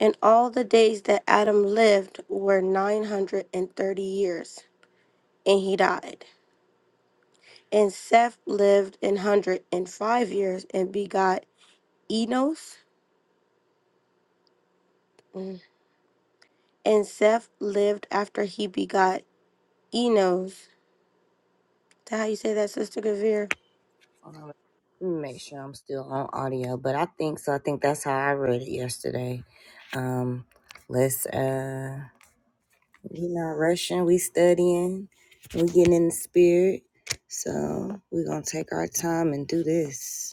[SPEAKER 2] And all the days that Adam lived were nine hundred and thirty years, and he died. And Seth lived an hundred and five years and begot Enos. Mm. And Seth lived after he begot Enos. Is that how you say that, Sister Gavir?
[SPEAKER 1] Hold on, let me Make sure I'm still on audio, but I think so. I think that's how I read it yesterday. Um, let's uh, we not rushing. We studying. We getting in the spirit. So we're gonna take our time and do this.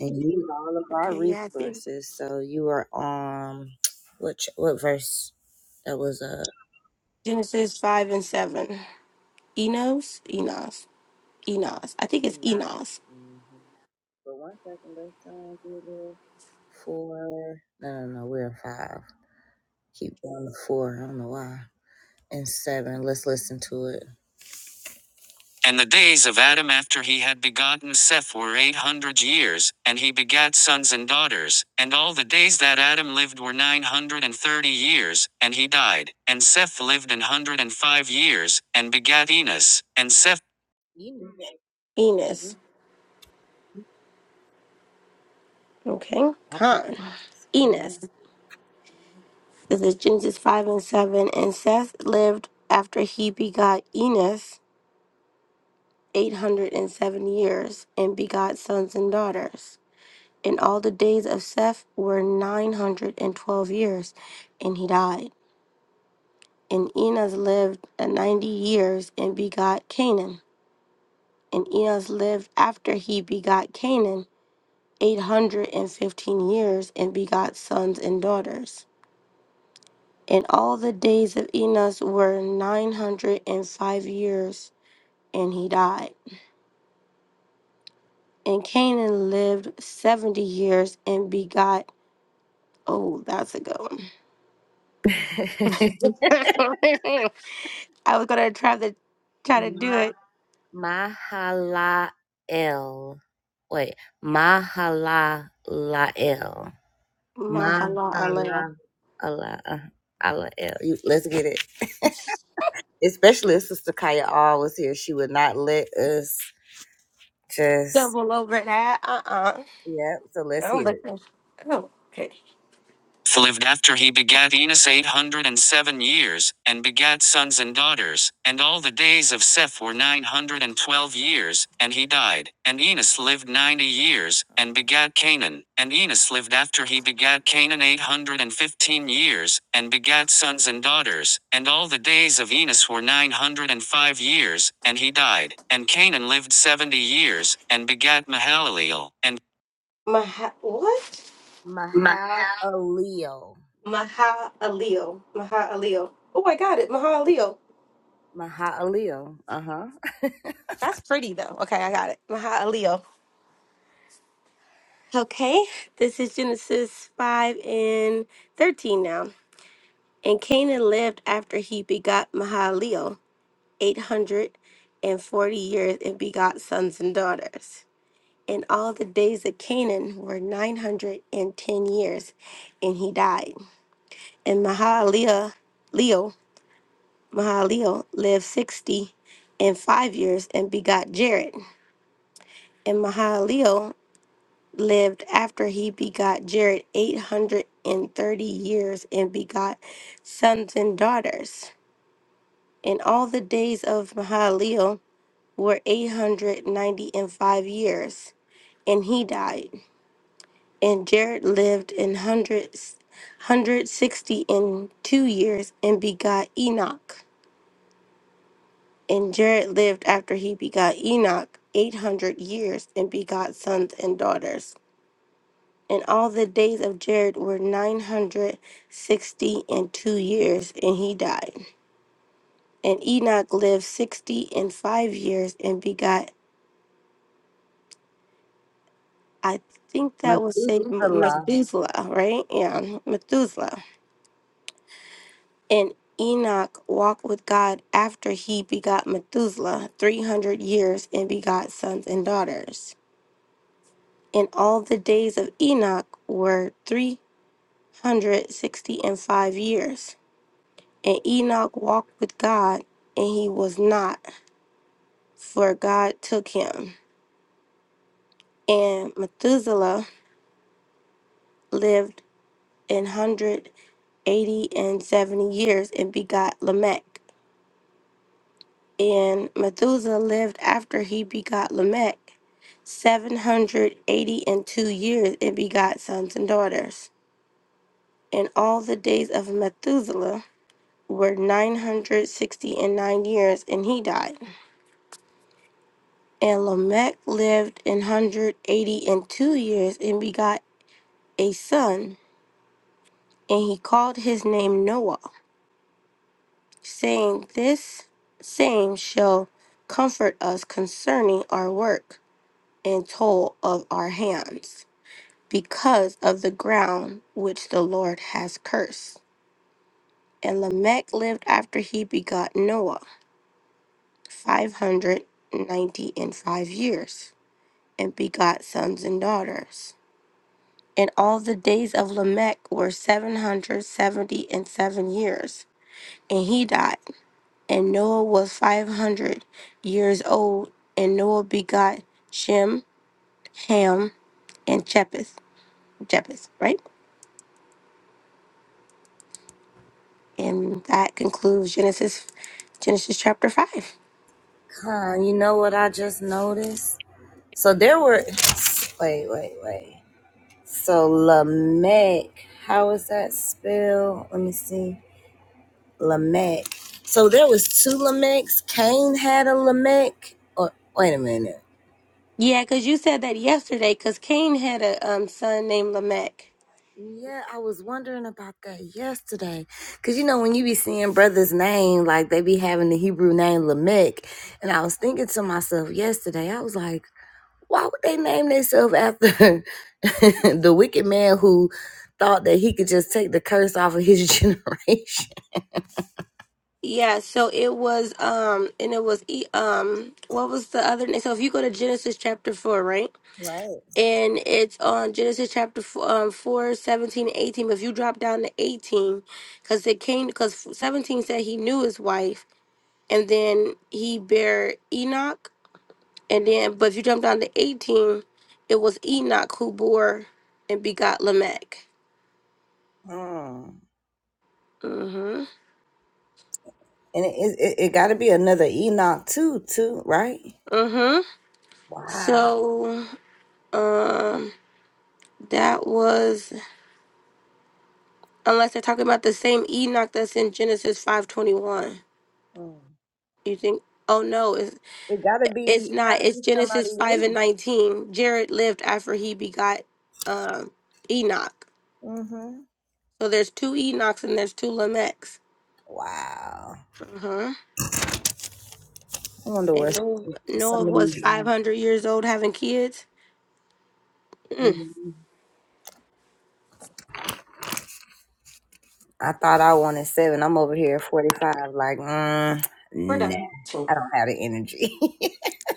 [SPEAKER 1] and you need all of our
[SPEAKER 2] Okay, yeah, I think
[SPEAKER 1] resources. So you were on what ch- what verse? That was uh
[SPEAKER 2] Genesis 5 and 7. Enos, Enos, Enos. I think it's
[SPEAKER 1] nine.
[SPEAKER 2] Enos.
[SPEAKER 1] Mm-hmm. But one second, let's um do four. No, no, no, we're in five. Keep going to four. I don't know why. And seven. Let's listen to it. And the days of Adam after he ought and Seth were eight hundred years, and he begat sons and daughters, and all the days that and and he died, and s-
[SPEAKER 2] Enos. Okay. Con. Enos. This is Genesis 5 and 7. And Seth lived after he begot Enos 807 years and begot sons and daughters. And all the days of Seth were 912 years, and he died. And Enos lived a 90 years and begot Canaan. And Enos lived after he begot Canaan 815 years and begot sons and daughters. And all the days of Enos were 905 years, and he died. And Canaan lived 70 years and begot. Oh, that's a good one. I was going to try to try to do it.
[SPEAKER 1] wait, Malalael, Malalael.
[SPEAKER 2] Mahala alel.
[SPEAKER 1] a lot. I love you. Let's get it. Especially if Sister Kaya R was here, she would not let us just.
[SPEAKER 2] Double over that. Uh uh-uh. uh.
[SPEAKER 1] Yep. So
[SPEAKER 2] i
[SPEAKER 1] let's hear it.
[SPEAKER 2] am looking. Oh, okay.
[SPEAKER 1] So lived after he begat Enos eight hundred and seven years, and begat sons and daughters, and all the days of Seth were nine hundred and twelve years, and he died. And Enos lived ninety years, and begat Canaan. And Enos lived after he begat Canaan eight hundred and fifteen years, and begat sons and daughters, and all the days of Enos were nine hundred and five years, and he died. And Canaan lived seventy years, and begat Mahalaleel. And
[SPEAKER 2] Maha, what?
[SPEAKER 1] Mahalaleel.
[SPEAKER 2] Maha Alil. Maha Alil. Oh, I got it. Maha Alil.
[SPEAKER 1] Mahaaleel. Uh huh.
[SPEAKER 2] That's pretty though. Okay, I got it. Maha Leo. Okay, this is Genesis 5 and 13 now. And Canaan lived after he begot Mahalalel 840 years and begot sons and daughters. And all the days of Canaan were 910 years, and he died. And Mahalalel, Leo, Mahalalel lived 60 and 5 years and begot Jared. And Mahalalel lived after he begot Jared 830 years and begot sons and daughters. And all the days of Mahalalel were eight hundred ninety and five years, and he died. And Jared lived in hundreds. 160 and two years and begot Enoch. And Jared lived after he begot Enoch 800 years and begot sons and daughters. And all the days of Jared were 960 and two years, and he died. And Enoch lived 60 and five years and begot, I think that would say M- Methuselah, right? Yeah, Methuselah. And Enoch walked with God after he begot Methuselah 300 years and begot sons and daughters. And all the days of Enoch were three hundred sixty and five years And Enoch walked with God, and he was not, for God took him. And Methuselah lived an hundred eighty and seventy years and begot Lamech. And Methuselah lived after he begot Lamech seven hundred eighty and two years and begot sons and daughters. And all the days of Methuselah were nine hundred sixty and nine years, and he died. And Lamech lived an hundred eighty and two years and begot a son, and he called his name Noah, saying, This same shall comfort us concerning our work and toil of our hands, because of the ground which the Lord has cursed. And Lamech lived after he begot Noah five hundred ninety and five years, and begot sons and daughters. And all the days of Lamech were seven hundred seventy and seven years. And he died. And Noah was five hundred years old. And Noah begot Shem, Ham, and Japheth. Japheth, right? And that concludes Genesis, Genesis chapter five.
[SPEAKER 1] Huh, you know what I just noticed? So there were. Wait, wait, wait. So Lamech, how is that spelled? Let me see. Lamech. So there was two Lamechs. Cain had a Lamech. Or wait a minute.
[SPEAKER 2] Yeah, because you said that yesterday. Because Cain had a um, son named Lamech.
[SPEAKER 1] Yeah, I was wondering about that yesterday. Cause you know when you be seeing brothers' name, like they be having the Hebrew name Lamech, and I was thinking to myself yesterday, I was like. Why would they name themselves after the wicked man who thought that he could just take the curse off of his generation?
[SPEAKER 2] Yeah, so it was um, and it was E- um, what was the other name? So if you go to Genesis chapter four, right? and it's on Genesis chapter four, um, 4 seventeen and 18. But if you drop down to 18, because it came, because 17 said he knew his wife, and then he bare Enoch. And then, but if you jump down to 18, it was Enoch who bore and begot Lamech.
[SPEAKER 1] Mm.
[SPEAKER 2] Mm
[SPEAKER 1] And it, it, it got to be another Enoch too, too, right?
[SPEAKER 2] hmm. Mm hmm.
[SPEAKER 1] Wow.
[SPEAKER 2] So, um, that was, unless they're talking about the same Enoch that's in Genesis 521.
[SPEAKER 1] Mm.
[SPEAKER 2] You think, oh no, It's
[SPEAKER 1] It got to be
[SPEAKER 2] It's not.
[SPEAKER 1] got to
[SPEAKER 2] It's
[SPEAKER 1] be
[SPEAKER 2] Genesis
[SPEAKER 1] somebody
[SPEAKER 2] five and
[SPEAKER 1] new.
[SPEAKER 2] nineteen. Jared lived after he begot um, Enoch. So there's two Enochs and there's two Lamechs. Uh-huh. And Noah, Noah was five hundred years old having kids. Mm. We're done.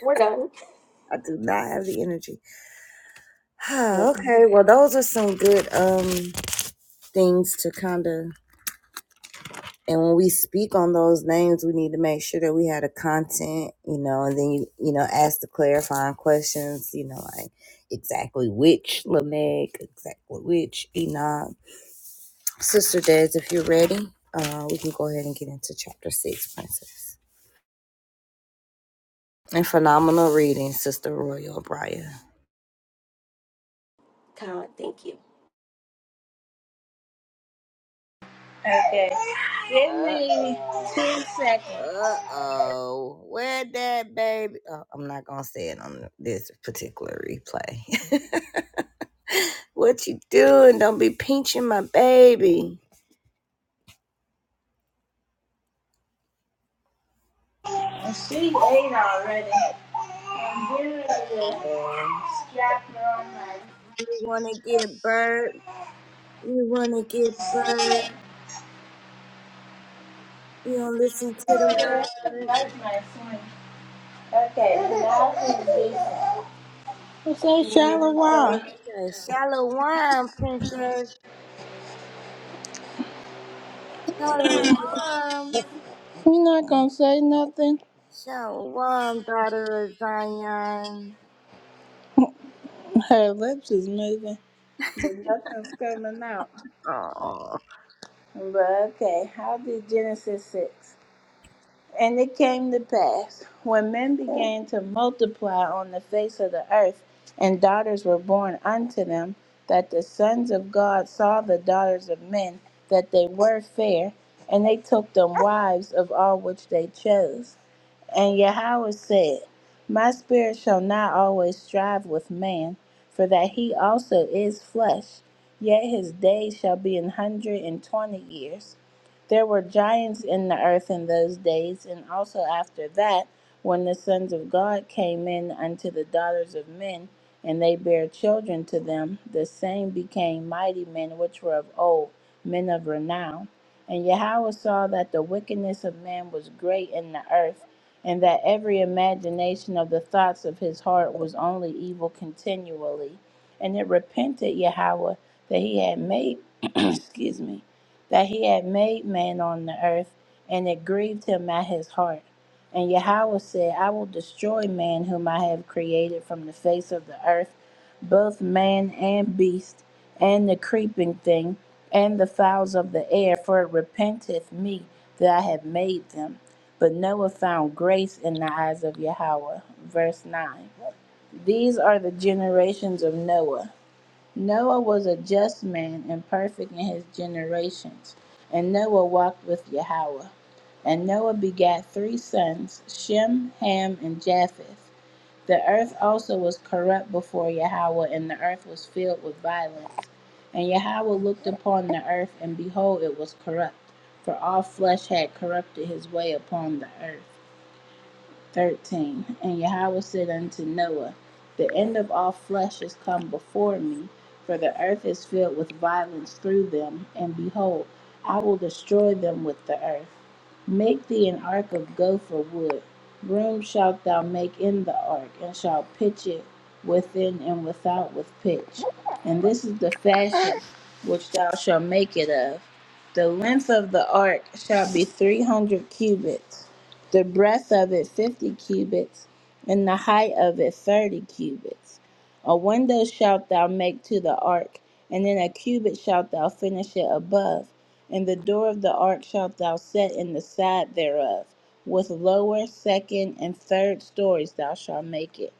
[SPEAKER 2] We're done.
[SPEAKER 1] I do not have the energy.
[SPEAKER 2] Yes.
[SPEAKER 1] okay, well, those are some good um things to kind of And when we speak on those names, we need to make sure that we had a content, you know, and then you, you know, ask the clarifying questions, you know, like exactly which Lamech, exactly which Enoch. Sister Des, if you're ready, uh, we can go ahead and get into chapter six, Princess. And phenomenal reading, Sister Royal O'Brien.
[SPEAKER 2] Khan, thank you.
[SPEAKER 3] Okay, give
[SPEAKER 1] Uh
[SPEAKER 3] me
[SPEAKER 1] oh,
[SPEAKER 3] two seconds.
[SPEAKER 1] uh oh, where that baby? Oh, I'm not gonna say it on this particular replay. What you doing? Don't be pinching my baby.
[SPEAKER 3] And She ate already. I'm getting ready to strap her on my.
[SPEAKER 1] You wanna get bird? You don't listen to
[SPEAKER 3] I
[SPEAKER 1] the
[SPEAKER 3] don't like my son. Okay, now she's decent. Say
[SPEAKER 1] window.
[SPEAKER 3] shallow why?
[SPEAKER 1] I'm Shalom.
[SPEAKER 3] You're not gonna say nothing.
[SPEAKER 1] Shalom, brother Zion.
[SPEAKER 3] Her lips is moving, but nothing's coming out. But okay, how did Genesis six? And it came to pass when men began to multiply on the face of the earth, and daughters were born unto them, that the sons of God saw the daughters of men that they were fair, and they took them wives of all which they chose. And Yahweh said, My spirit shall not always strive with man, for that he also is flesh, yet his days shall be an hundred and twenty years. There were giants in the earth in those days, and also after that, when the sons of God came in unto the daughters of men, and they bare children to them, the same became mighty men which were of old, men of renown. And Yahweh saw that the wickedness of man was great in the earth and that every imagination of the thoughts of his heart was only evil continually. And it repented Yahweh that he had made, excuse me, that he had made man on the earth, and it grieved him at his heart. And Yahweh said, I will destroy man whom I have created from the face of the earth, both man and beast, and the creeping thing, and the fowls of the air, for it repenteth me that I have made them. But Noah found grace in the eyes of Yahweh. Verse 9 These are the generations of Noah. Noah was a just man and perfect in his generations. And Noah walked with Yahweh. And Noah begat three sons Shem, Ham, and Japheth. The earth also was corrupt before Yahweh, and the earth was filled with violence. And Yahweh looked upon the earth, and behold, it was corrupt, for all flesh had corrupted his way upon the earth. 13 And Yahweh said unto Noah, The end of all flesh is come before me, for the earth is filled with violence through them, and behold, I will destroy them with the earth. Make thee an ark of gopher wood. Room shalt thou make in the ark, and shalt pitch it within and without with pitch. And this is the fashion which thou shalt make it of. The length of the ark shall be three hundred cubits, the breadth of it fifty cubits, and the height of it thirty cubits. A window shalt thou make to the ark, and in a cubit shalt thou finish it above. And the door of the ark shalt thou set in the side thereof. With lower, second, and third stories thou shalt make it.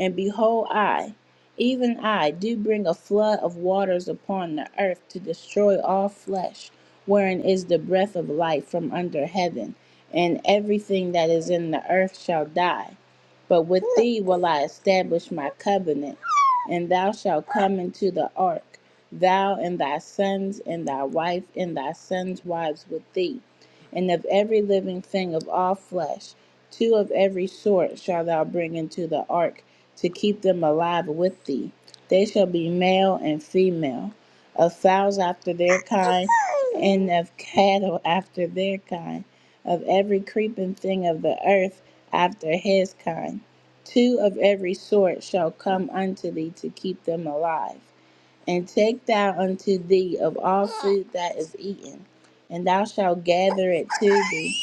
[SPEAKER 3] And behold, I, even I, do bring a flood of waters upon the earth to destroy all flesh, wherein is the breath of life from under heaven, and everything that is in the earth shall die. But with thee will I establish my covenant, and thou shalt come into the ark thou and thy sons and thy wife and thy sons' wives with thee, and of every living thing of all flesh, two of every sort shall thou bring into the ark to keep them alive with thee. They shall be male and female, of fowls after their kind, and of cattle after their kind, of every creeping thing of the earth after his kind. Two of every sort shall come unto thee to keep them alive. And take thou unto thee of all food that is eaten, and thou shalt gather it to thee,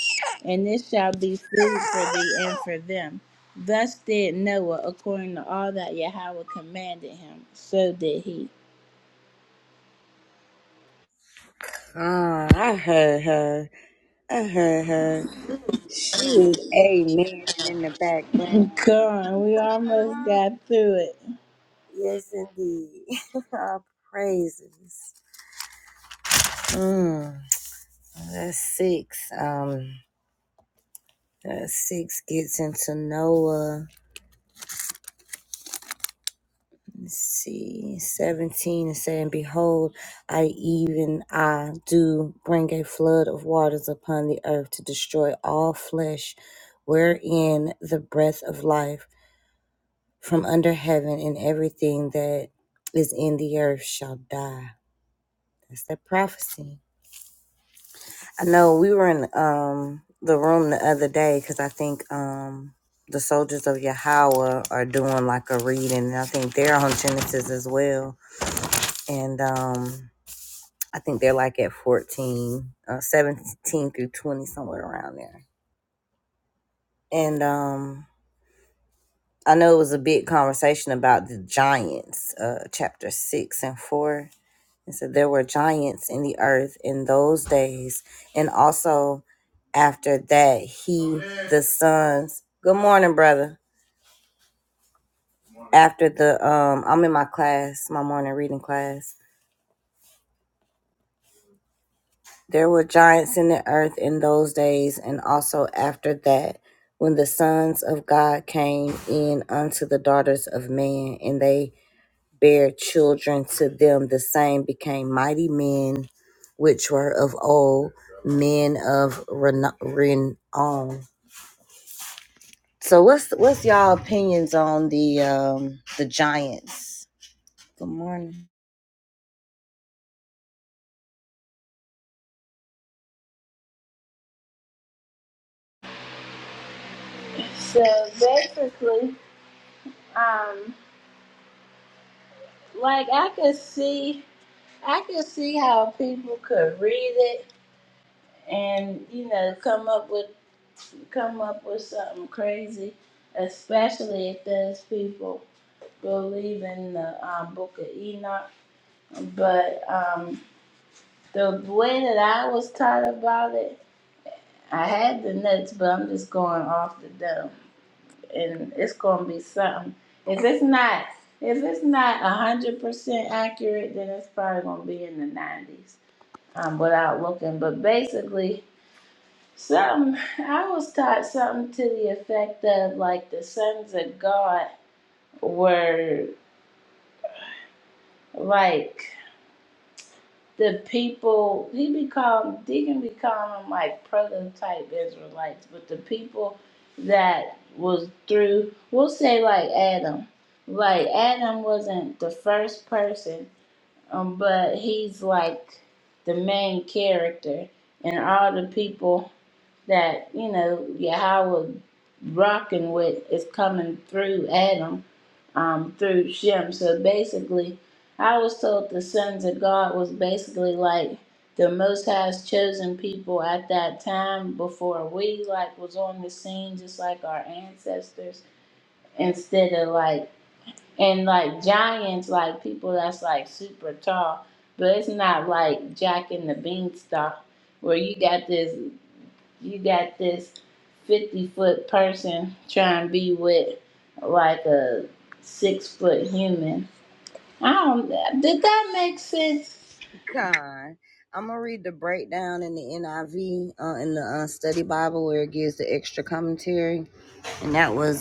[SPEAKER 3] and it shall be food for thee and for them. Thus did Noah according to all that Yahweh commanded him. So did he.
[SPEAKER 1] Ah, I heard her. I heard her. She was amen in the background.
[SPEAKER 3] Come on, we almost got through it.
[SPEAKER 1] Yes, indeed. All praises. Mm, that's six. Um, that six gets into Noah. Let's see 17 and saying behold i even i do bring a flood of waters upon the earth to destroy all flesh wherein the breath of life from under heaven and everything that is in the earth shall die that's that prophecy i know we were in um the room the other day because i think um the soldiers of Yahweh are doing like a reading, and I think they're on Genesis as well. And um, I think they're like at 14, uh, 17 through 20, somewhere around there. And um, I know it was a big conversation about the giants, uh, chapter 6 and 4. It said there were giants in the earth in those days. And also after that, he, the sons. Good morning, brother. After the, um, I'm in my class, my morning reading class There were giants in the earth in those days, and also after that, when the sons of God came in unto the daughters of man, and they bare children to them, the same became mighty men, which were of old, men of reno- renown. So, what's what's y'all opinions on the um, the giants? Good morning.
[SPEAKER 3] So basically, um, like I could see, I could see how people could read it and you know come up with come up with something crazy, especially if there's people believe in the um, Book of Enoch. But um, the way that I was taught about it, I had the notes, but I'm just going off the dome, and it's gonna be something. If it's not, if it's not one hundred percent accurate, then it's probably gonna be in the nineties um, without looking. But basically, Something I was taught something to the effect of like the sons of God were like the people he be calling Deacon be calling them like prototype Israelites, but the people that was through we'll say like Adam. Like Adam wasn't the first person, um, but he's like the main character and all the people that you know Yahweh rocking with is coming through Adam, um, through Shem. So basically, I was told the sons of God was basically like the Most High's chosen people at that time before we like was on the scene, just like our ancestors. Instead of like and like giants, like people that's like super tall, but it's not like Jack and the Beanstalk where you got this you got this 50 foot person trying to be with like a six foot human. I don't, did that make sense?
[SPEAKER 1] In the NIV, uh, in the Bible, where it gives the extra commentary, and that was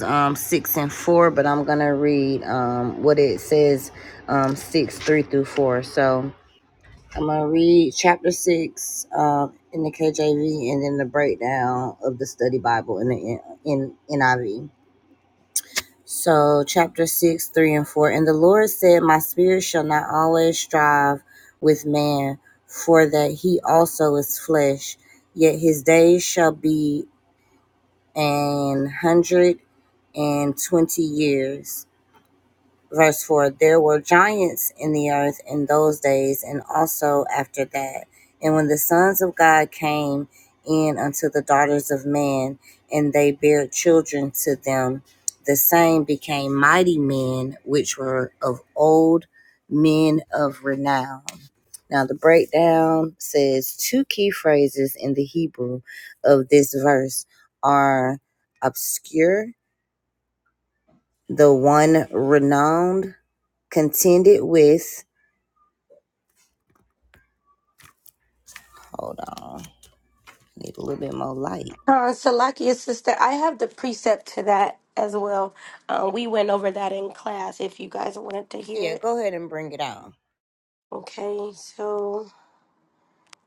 [SPEAKER 1] what it says um, 6 3 through 4 so i'm going to read chapter 6 uh, in the kjv and then the breakdown of the study bible in the N- in niv so chapter 6 3 and 4 and the lord said my spirit shall not always strive with man for that he also is flesh yet his days shall be an hundred and twenty years Verse 4 There were giants in the earth in those days, and also after that. And when the sons of God came in unto the daughters of man, and they bare children to them, the same became mighty men, which were of old men of renown. Now, the breakdown says two key phrases in the Hebrew of this verse are obscure, the one renowned, contended with. Hold on, need a little bit more light.
[SPEAKER 2] Uh, Salakia sister, I have the precept to that as well. Uh, we went over that in class if you guys wanted to hear
[SPEAKER 1] Yeah,
[SPEAKER 2] it.
[SPEAKER 1] go ahead and bring it on.
[SPEAKER 2] Okay, so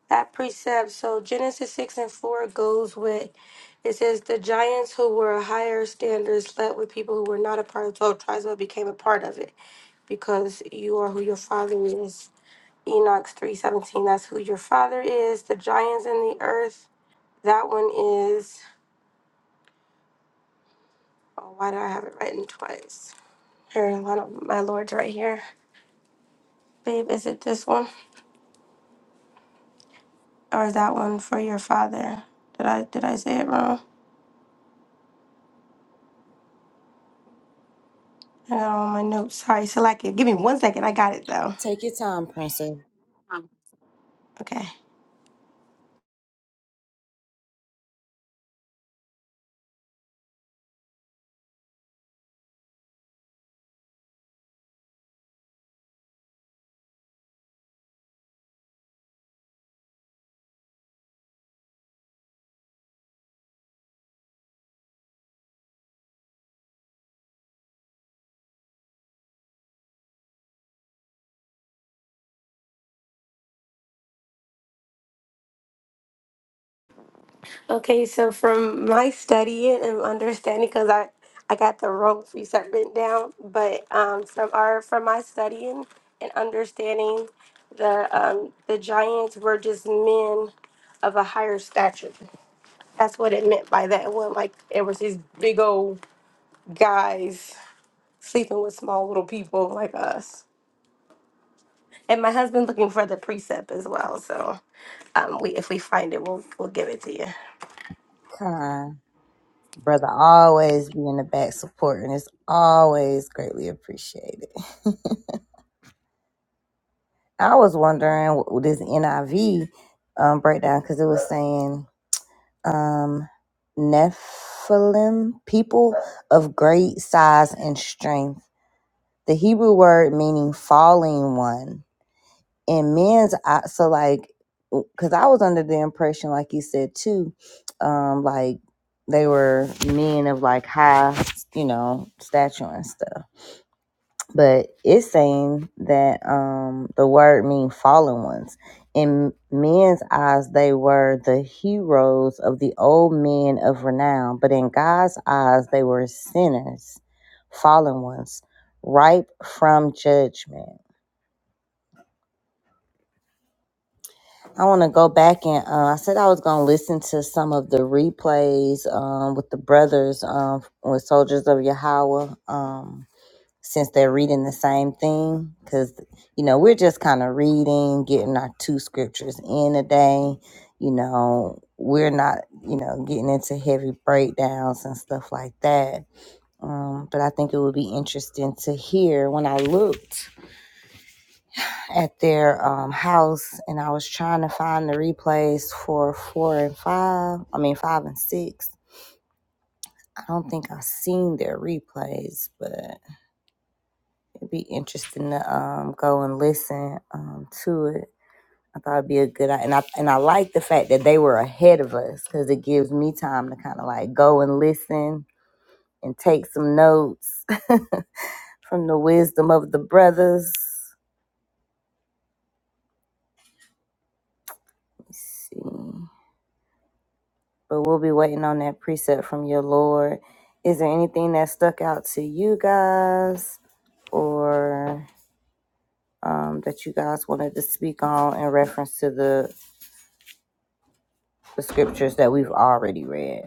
[SPEAKER 2] that precept. So Genesis 6 and 4 goes with it says, The giants who were higher standards slept with people who were not a part of 12 tribes but became a part of it because you are who your father is. Enoch 317, that's who your father is. The giants in the earth, that one is, oh, why did I have it written twice? Here, one of my lords right here. Babe, is it this one or is that one for your father? Did I did I say it wrong? Oh, my notes. Sorry, so like it. Give me one second. I got it though.
[SPEAKER 1] Take your time, princess.
[SPEAKER 2] Okay. Okay, so from my studying and understanding, because I I got the wrong precept written down, but um, from our from my studying and understanding, the um the giants were just men of a higher stature. That's what it meant by that. It wasn't like it was these big old guys sleeping with small little people like us. And my husband looking for the precept as well. So. Um, we if we find it, we'll we'll give it to you.
[SPEAKER 1] Brother, always be in the back supporting. It's always greatly appreciated. I was wondering what this NIV um, breakdown because it was saying um, Nephilim, people of great size and strength. The Hebrew word meaning falling one. And men, because I was on impression, like you said too, um, like they were men of like high, you know, stature and stuff. But it's saying that um the word means fallen ones. In men's eyes, they were the heroes of the old men of renown, but in God's eyes, they were sinners, fallen ones, ripe from judgment. I want to go back and uh, I said I was going to listen to some of the replays um, with the brothers um, with Soldiers of Yahweh. Um, since they're reading the same thing because you know we're just kind of reading getting our two scriptures in a day you know we're not you know getting into heavy breakdowns and stuff like that um, but i think it would be interesting to hear when i looked at their um, house and i was trying to find the replays for four and five i mean five and six i don't think i seen their replays but be interesting to um go and listen um to it. I thought it'd be a good and I and I like the fact that they were ahead of us because it gives me time to kind of like go and listen and take some notes from the wisdom of the brothers. Let's see, but we'll be waiting on that precept from your Lord. Is there anything that stuck out to you guys or um, that you guys wanted to speak on in reference to the, the scriptures that we've already read?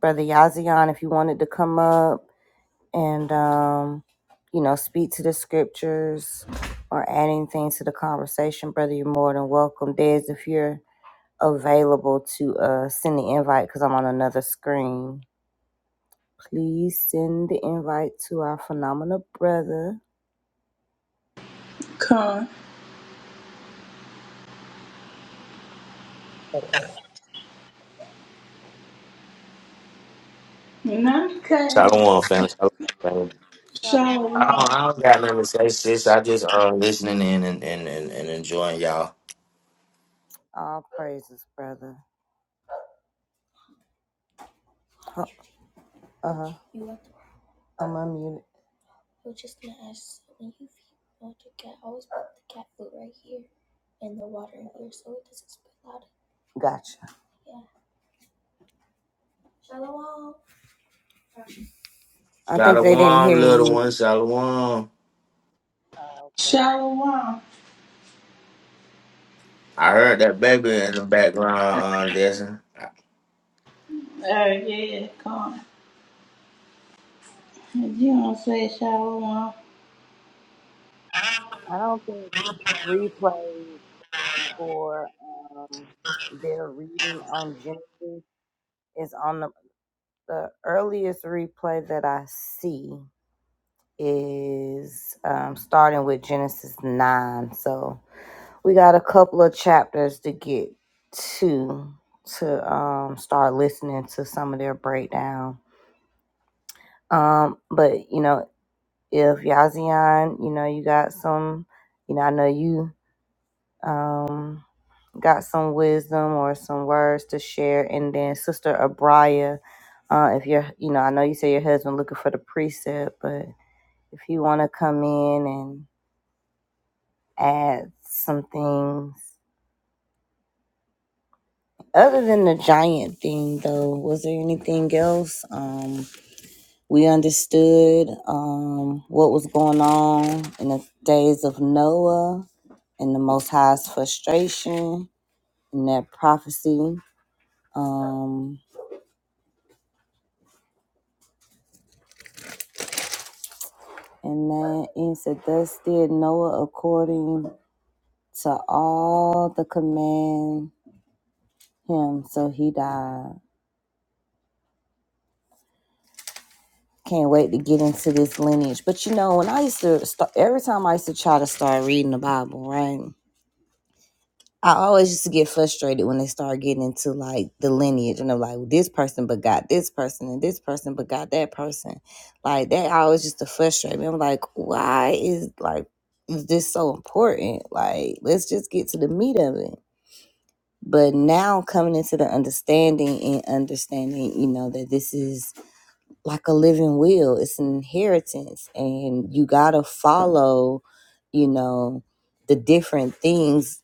[SPEAKER 1] Brother Yazian, if you wanted to come up and, um, you know, speak to the scriptures or add anything to the conversation, brother, you're more than welcome. Des, if you're available to uh, send the invite, because I'm on another screen, please send the invite to our phenomenal brother.
[SPEAKER 3] Con. And I'm cutting
[SPEAKER 4] Shalom, family. Shalom, family. I
[SPEAKER 3] Shalom.
[SPEAKER 4] don't, I don't got nothing to say, sis. I just um listening in and and, and, and enjoying y'all.
[SPEAKER 1] All praises, brother. Huh, I'm unmuted. I was just gonna ask, when you feed the cat, I always put the cat food right here and the water in here so it doesn't spill out. Gotcha. I think they didn't
[SPEAKER 4] Shalom,
[SPEAKER 1] hear
[SPEAKER 4] little
[SPEAKER 1] you.
[SPEAKER 4] one. Shalom.
[SPEAKER 3] Shalom.
[SPEAKER 4] I heard that baby in the background, uh, Desmond.
[SPEAKER 3] Oh, yeah, Con. You don't say Shalom.
[SPEAKER 1] I don't think replays for um, their reading on Genesis is on the the earliest replay that I see is um, starting with Genesis nine. So we got a couple of chapters to get to to um, start listening to some of their breakdown. Um, but you know, if Yazian, you know, you got some. You know, I know you. um, got some wisdom or some words to share. And then Sister Abraya, uh, if you're, you know, I know you say your husband looking for the precept, but if you want to come in and add some things. Other than the giant thing, though, was there anything else? Um, we understood um, what was going on in the days of Noah and the Most High's frustration and that prophecy. Um, And that is that thus did Noah according to all the command him, so he died. Can't wait to get into this lineage. But you know, when I used to start, every time I used to try to start reading the Bible, right? I always used to get frustrated when they start getting into like the lineage and they're like, well, this person but got this person and this person but got that person. Like that always used to frustrate me. I'm like, why is like is this so important? Like, let's just get to the meat of it but now coming into the understanding and understanding you know that this is like a living will it's an inheritance and you gotta follow you know the different things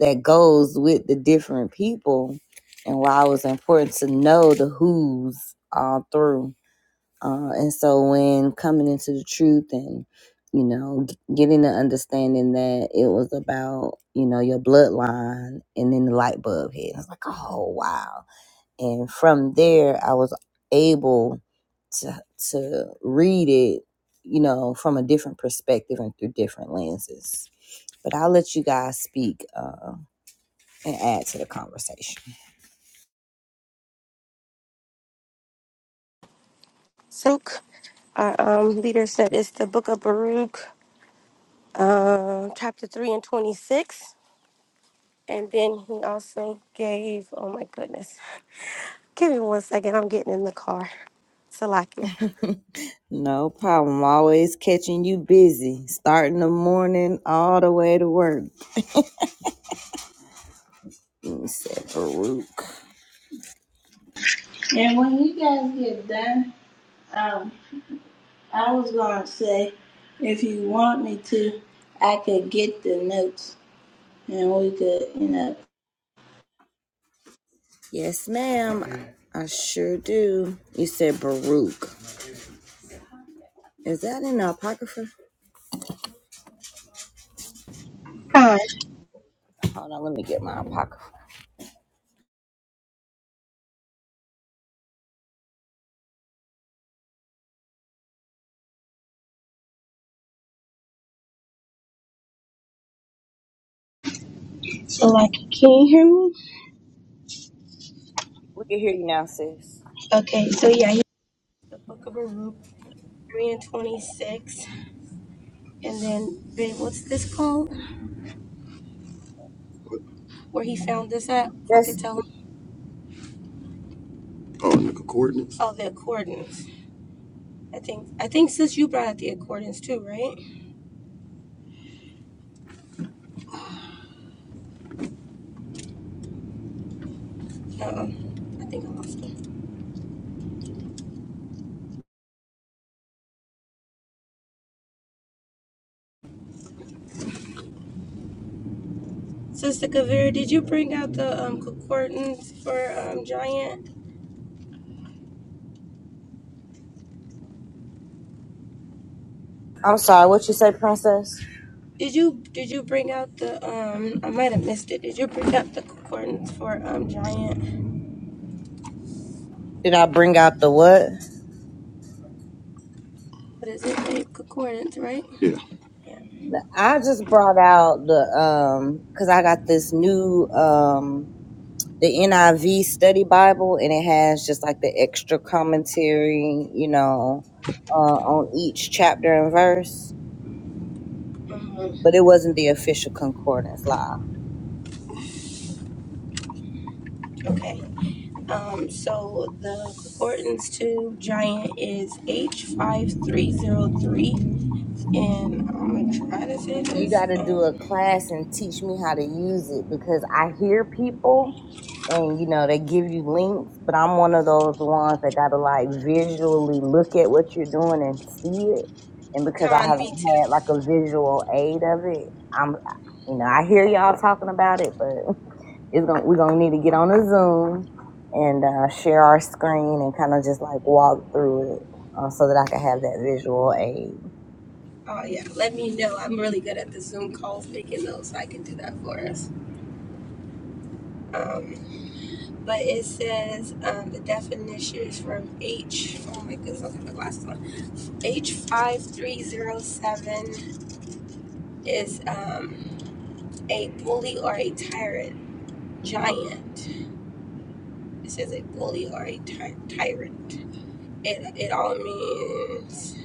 [SPEAKER 1] that goes with the different people and why it was important to know the who's all through uh, and so when coming into the truth and, you know, g- getting the understanding that it was about, you know, your bloodline and then the light bulb hit. I was like, oh, wow. And from there, I was able to, to read it, you know, from a different perspective and through different lenses. But I'll let you guys speak uh, and add to the conversation.
[SPEAKER 2] Silk, our um, leader said it's the Book of Baruch, uh, chapter three and twenty six. And then he also gave. Oh my goodness! Give me one second. I'm getting in the car. Salakia.
[SPEAKER 1] No problem. Always catching you busy, starting the morning all the way to work. You said Baruch.
[SPEAKER 3] And when you guys get done, um, I was going to say, if you want me to, I could get the notes and we could, you know,
[SPEAKER 1] Yes, ma'am. I sure do. You said Baruch. Is that in the Apocrypha?
[SPEAKER 2] Hi.
[SPEAKER 1] Hold on, let me get my Apocrypha.
[SPEAKER 2] So, like, can you hear me?
[SPEAKER 1] We can hear you now, sis.
[SPEAKER 2] Okay, so yeah, you- The Book of Baruch, three and twenty six. And then, babe, what's this called? Where he found this at? If I could
[SPEAKER 1] Yes.
[SPEAKER 2] tell him. Oh, and the coordinates? Oh, the coordinates. I think I think sis you brought out the accordance too, right? Uh-oh. I think I lost them. Sister Kaveri, did you bring out the um concordance for um giant?
[SPEAKER 1] I'm sorry, what you say, princess?
[SPEAKER 2] Did you did you bring out the um I might have missed it. Did you bring out the concordance for um giant?
[SPEAKER 1] Did I bring out the what?
[SPEAKER 2] What is it? Babe? Concordance, right? Yeah. Yeah.
[SPEAKER 1] I just brought out the um because I got this new um the NIV study Bible and it has just like the extra commentary, you know, uh, on each chapter and verse.
[SPEAKER 2] Um,
[SPEAKER 1] but it wasn't the official concordance law.
[SPEAKER 2] okay. Um so the concordance to giant is H five three zero three and I'm gonna try to say
[SPEAKER 1] You
[SPEAKER 2] this.
[SPEAKER 1] got to
[SPEAKER 2] um,
[SPEAKER 1] do a class and teach me how to use it because I hear people and you know they give you links, but I'm one of those ones that got to like visually look at what you're doing and see it. And because I
[SPEAKER 2] Con, me
[SPEAKER 1] haven't
[SPEAKER 2] too.
[SPEAKER 1] had like a visual aid of it, I'm you know I hear y'all talking about it, but it's gonna we're gonna need to get on a Zoom screen and kind of just like walk through it uh, so that I can have that visual aid.
[SPEAKER 2] Oh yeah, let me know. I'm really good at the Zoom calls, making those, so I can do that for us. Um, but it says um, the definitions from H. Oh my goodness, I'll get my glasses on. H five three zero seven is um, a bully or a tyrant, giant. It says a bully or a ty- tyrant. It it all means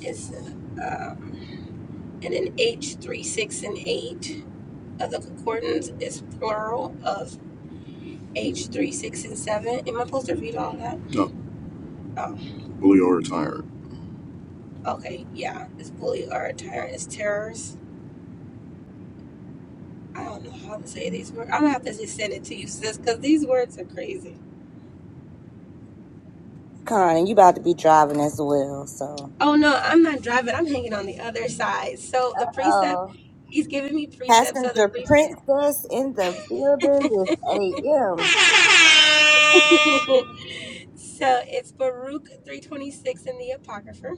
[SPEAKER 2] it's um, and then H three six and eight. of the concordance is plural of H three, six, and seven. Am I supposed to read all that? No, Oh, bully or a tyrant. okay, yeah. It's bully or a tyrant. It's terrors. I don't know how to say these words. I'm gonna have to just send it to you, sis, because these words are crazy.
[SPEAKER 1] Con, you about to be driving as well. So,
[SPEAKER 2] Oh no, I'm not driving. I'm hanging on the other side. So the precept,
[SPEAKER 1] oh,
[SPEAKER 2] he's giving me precepts of the
[SPEAKER 1] passenger
[SPEAKER 2] precept.
[SPEAKER 1] princess in the building this AM.
[SPEAKER 2] so it's Baruch three twenty six in the Apocrypha.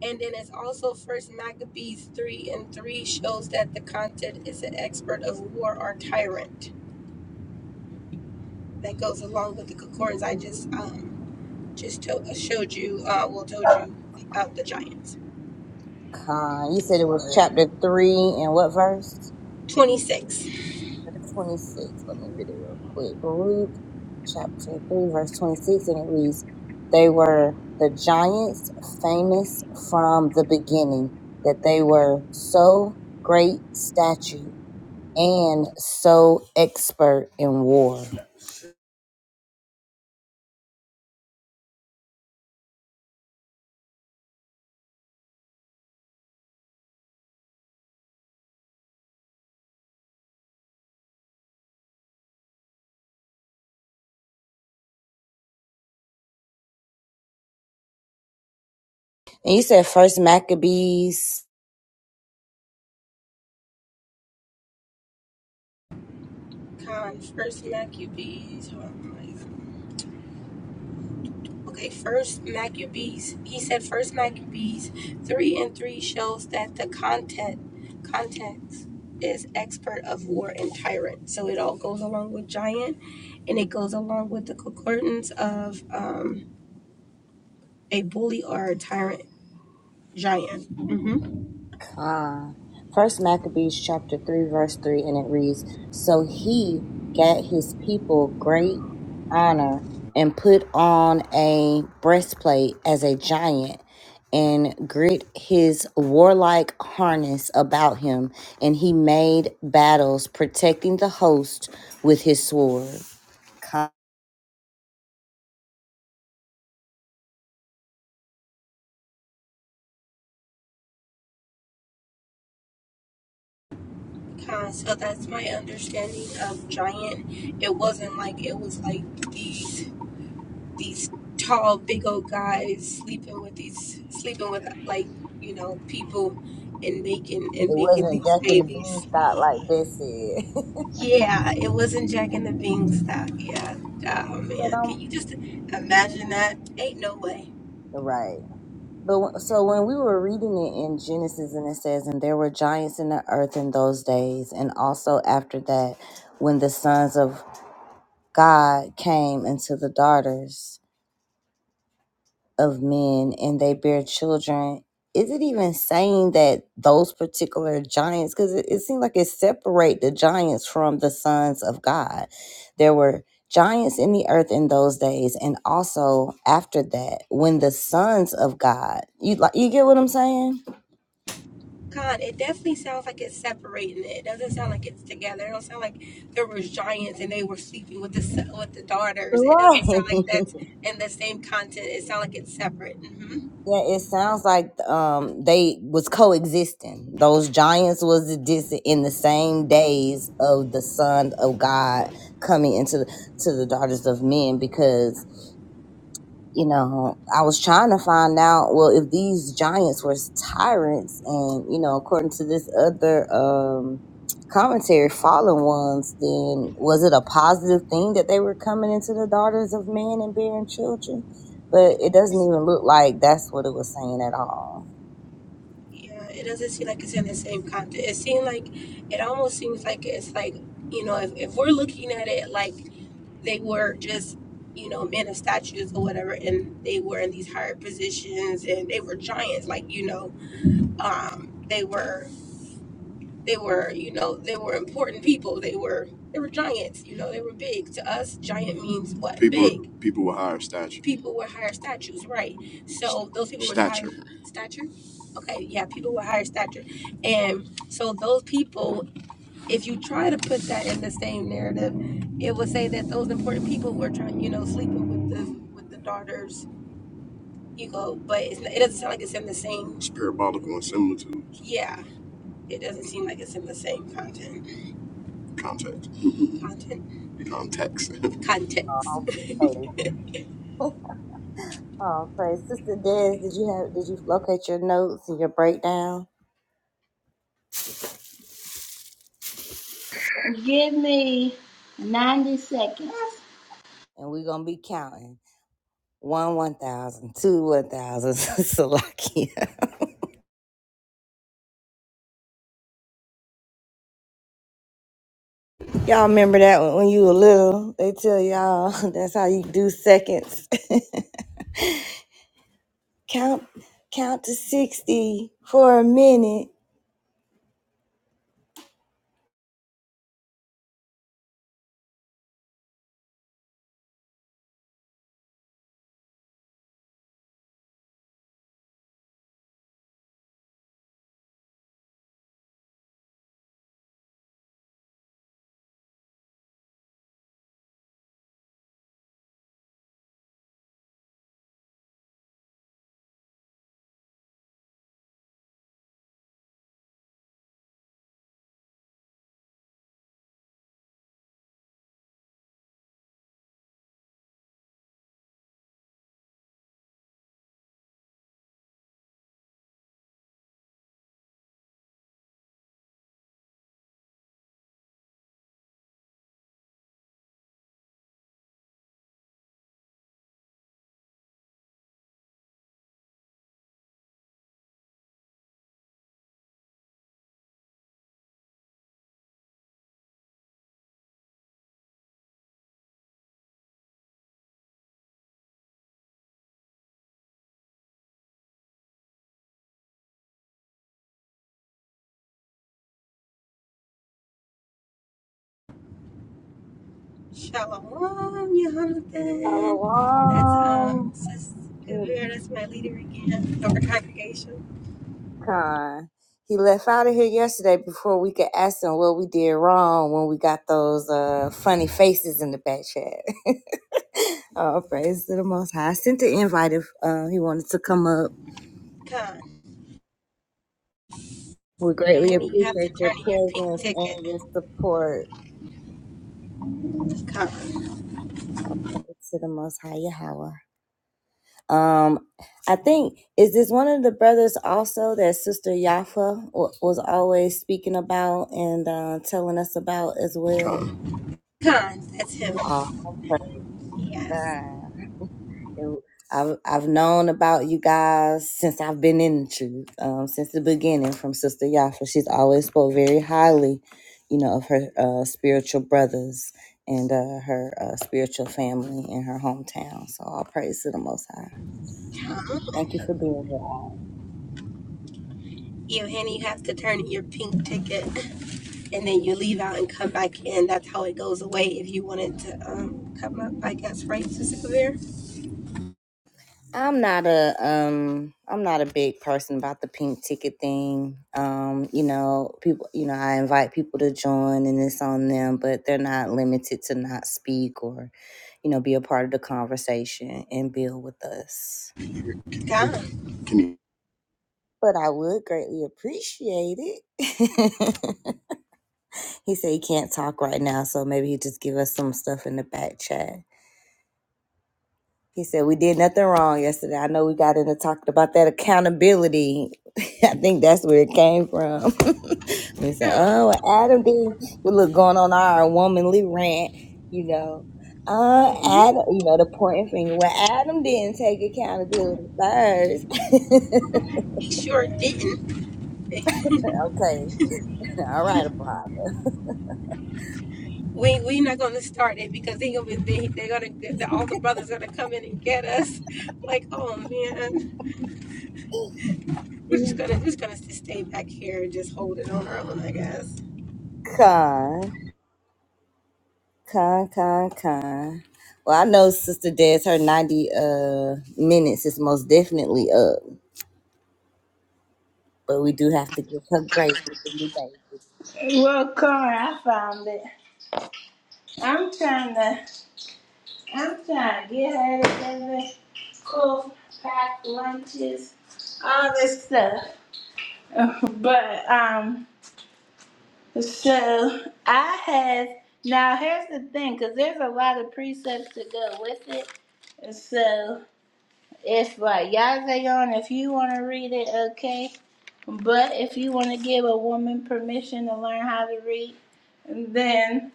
[SPEAKER 2] And then it's also First Maccabees 3 and 3 shows that the content is an expert of war or tyrant. That goes along with the concordance I just um, just to- uh, showed you, uh, well, told you about the Giants.
[SPEAKER 1] Con, you said it was chapter three and what verse?
[SPEAKER 2] 26.
[SPEAKER 1] Twenty six. Let me read it real quick. Baruch chapter three, verse twenty six, and it reads, "They were the giants, famous from they were so expert in war." And you said First Maccabees,
[SPEAKER 2] Con First Maccabees. oh my Okay, first Maccabees. He said first Maccabees three and three shows that the content context is expert of war and tyrant. So it all goes along with giant and it goes along with the concordance of um, a bully or a tyrant giant.
[SPEAKER 1] First Maccabees chapter three, verse three, and it reads. "He with great honor and put on a breastplate as a giant and grit his warlike harness about him and he made battles protecting the host with his sword. Con-
[SPEAKER 2] Uh, so that's my understanding of giant. It wasn't like it was like these these tall, big old guys sleeping with these sleeping with like you know people and making and
[SPEAKER 1] It
[SPEAKER 2] making
[SPEAKER 1] wasn't
[SPEAKER 2] these
[SPEAKER 1] Jack and the
[SPEAKER 2] babies.
[SPEAKER 1] Beanstalk like this said.
[SPEAKER 2] Yeah, it wasn't Jack and the Beanstalk. Yeah. Oh man, can you just imagine that? Ain't no way.
[SPEAKER 1] their children is it even saying that those particular giants because it, it seemed like it separate the giants from the sons of god there were giants in the earth in those days and also after that when the sons of god you like you get what i'm saying
[SPEAKER 2] Con, it definitely sounds like it's separating. It doesn't sound like it's together. It don't sound like there was giants and they were sleeping with the s- with the daughters. It
[SPEAKER 1] right
[SPEAKER 2] doesn't sound like that's in the same content. It sounds like it's separate. hmm
[SPEAKER 1] yeah it sounds like um they was coexisting those giants was dis- in the same days of the son of god coming into the to the daughters of men because you know, I was trying to find out, well, if these giants were tyrants and, you know, according to this other um commentary, fallen ones, then was it a positive thing that they were coming into the daughters of men and bearing children? But it doesn't even look like that's what it was saying at all.
[SPEAKER 2] Yeah, it doesn't seem like it's in the same context. It seems like it almost seems like it's like you know if, if we're looking at it like they were just you know men of statues or whatever, and they were in these higher positions and they were giants, like you know um, they were they were you know they were important people they were they were giants you know they were big to us giant means what People big people with higher stature. people with higher statues right so those people stature. with high Stature. stature okay yeah people with higher stature and so those people if you try to put that in the same narrative it would say that those important people were trying you know sleeping with the with the daughter's ego but it's, it doesn't sound like it's in the same It's parabolical and similar to yeah it doesn't seem like it's in the same content Context. Content. Context. Context.
[SPEAKER 1] Oh, praise. Oh, praise. Sister Des, did you have did you locate your notes and your breakdown?
[SPEAKER 3] Give me 90 seconds.
[SPEAKER 1] And we're gonna be counting. One one thousand, two one thousand, Salaki. Y'all remember that one when you were little? They tell y'all that's how you do seconds. count, count to sixty for a minute.
[SPEAKER 2] Shalom, Jonathan. That's um,
[SPEAKER 1] Um,
[SPEAKER 2] Sis Kavir. That's my leader again of the congregation.
[SPEAKER 1] con. He left out of here yesterday before we could ask him what we did wrong when we got those uh funny faces in the back chat. oh, praise to the Most High! I sent the invite if uh, he wanted to come up.
[SPEAKER 2] Con.
[SPEAKER 1] We greatly
[SPEAKER 2] And you have to
[SPEAKER 1] appreciate your
[SPEAKER 2] turn in your pink
[SPEAKER 1] presence
[SPEAKER 2] ticket.
[SPEAKER 1] and your support.
[SPEAKER 2] Con.
[SPEAKER 1] Oh, praise to the Most High Yahweh. Um, I think is this one of the brothers also that Sister Yafa wa- was always speaking about and uh, telling us about as well.
[SPEAKER 2] Con. Con. That's him.
[SPEAKER 1] Oh my
[SPEAKER 2] Yes.
[SPEAKER 1] God! It- I've I've known about you guys since I've been in the truth, um, since the beginning from Sister Yafa. She's always spoke very highly, you know, of her uh, spiritual brothers and uh, her uh, spiritual family in her hometown. So all praise to the Most High.
[SPEAKER 2] Con.
[SPEAKER 1] Thank you for being here.
[SPEAKER 2] You and you have to turn in your pink ticket, and then you leave out and come back in. That's how it goes away if you wanted to um, come up. I guess right, Sis Kavir.
[SPEAKER 1] and build with us.
[SPEAKER 2] Con. Can you
[SPEAKER 1] But I would greatly appreciate it. he said he can't talk right now, so maybe he just give us some stuff in the back chat. He said we did nothing wrong yesterday. I know we got into talking about that accountability. I think that's where it came from. we said, "Oh, well, Adam did. we look going on our womanly rant, you know." Uh,
[SPEAKER 2] Mm-hmm.
[SPEAKER 1] Adam, you know the pointing finger. Well, Adam didn't take accountability first.
[SPEAKER 2] He sure didn't.
[SPEAKER 1] okay, All right, Bob.
[SPEAKER 2] We we're not gonna start it because they gonna be they, they're gonna the, all the brothers gonna come in and get us. Like oh man, we're just gonna we're just gonna just stay back here and just hold it on our own, I guess.
[SPEAKER 1] Con, con, con, con. Well, I know Sister Des, her 90 uh, minutes is most definitely up, but we do have to give her grace with the new baby.
[SPEAKER 3] Well, Connor, I found it. I'm trying to, I'm trying to get her together, cook, pack lunches, all this stuff. But, um, so I have, now here's the thing, because there's a lot of precepts to go with it. So if, like, you on, if you want to read it, okay. But if you want to give a woman permission to learn how to read, then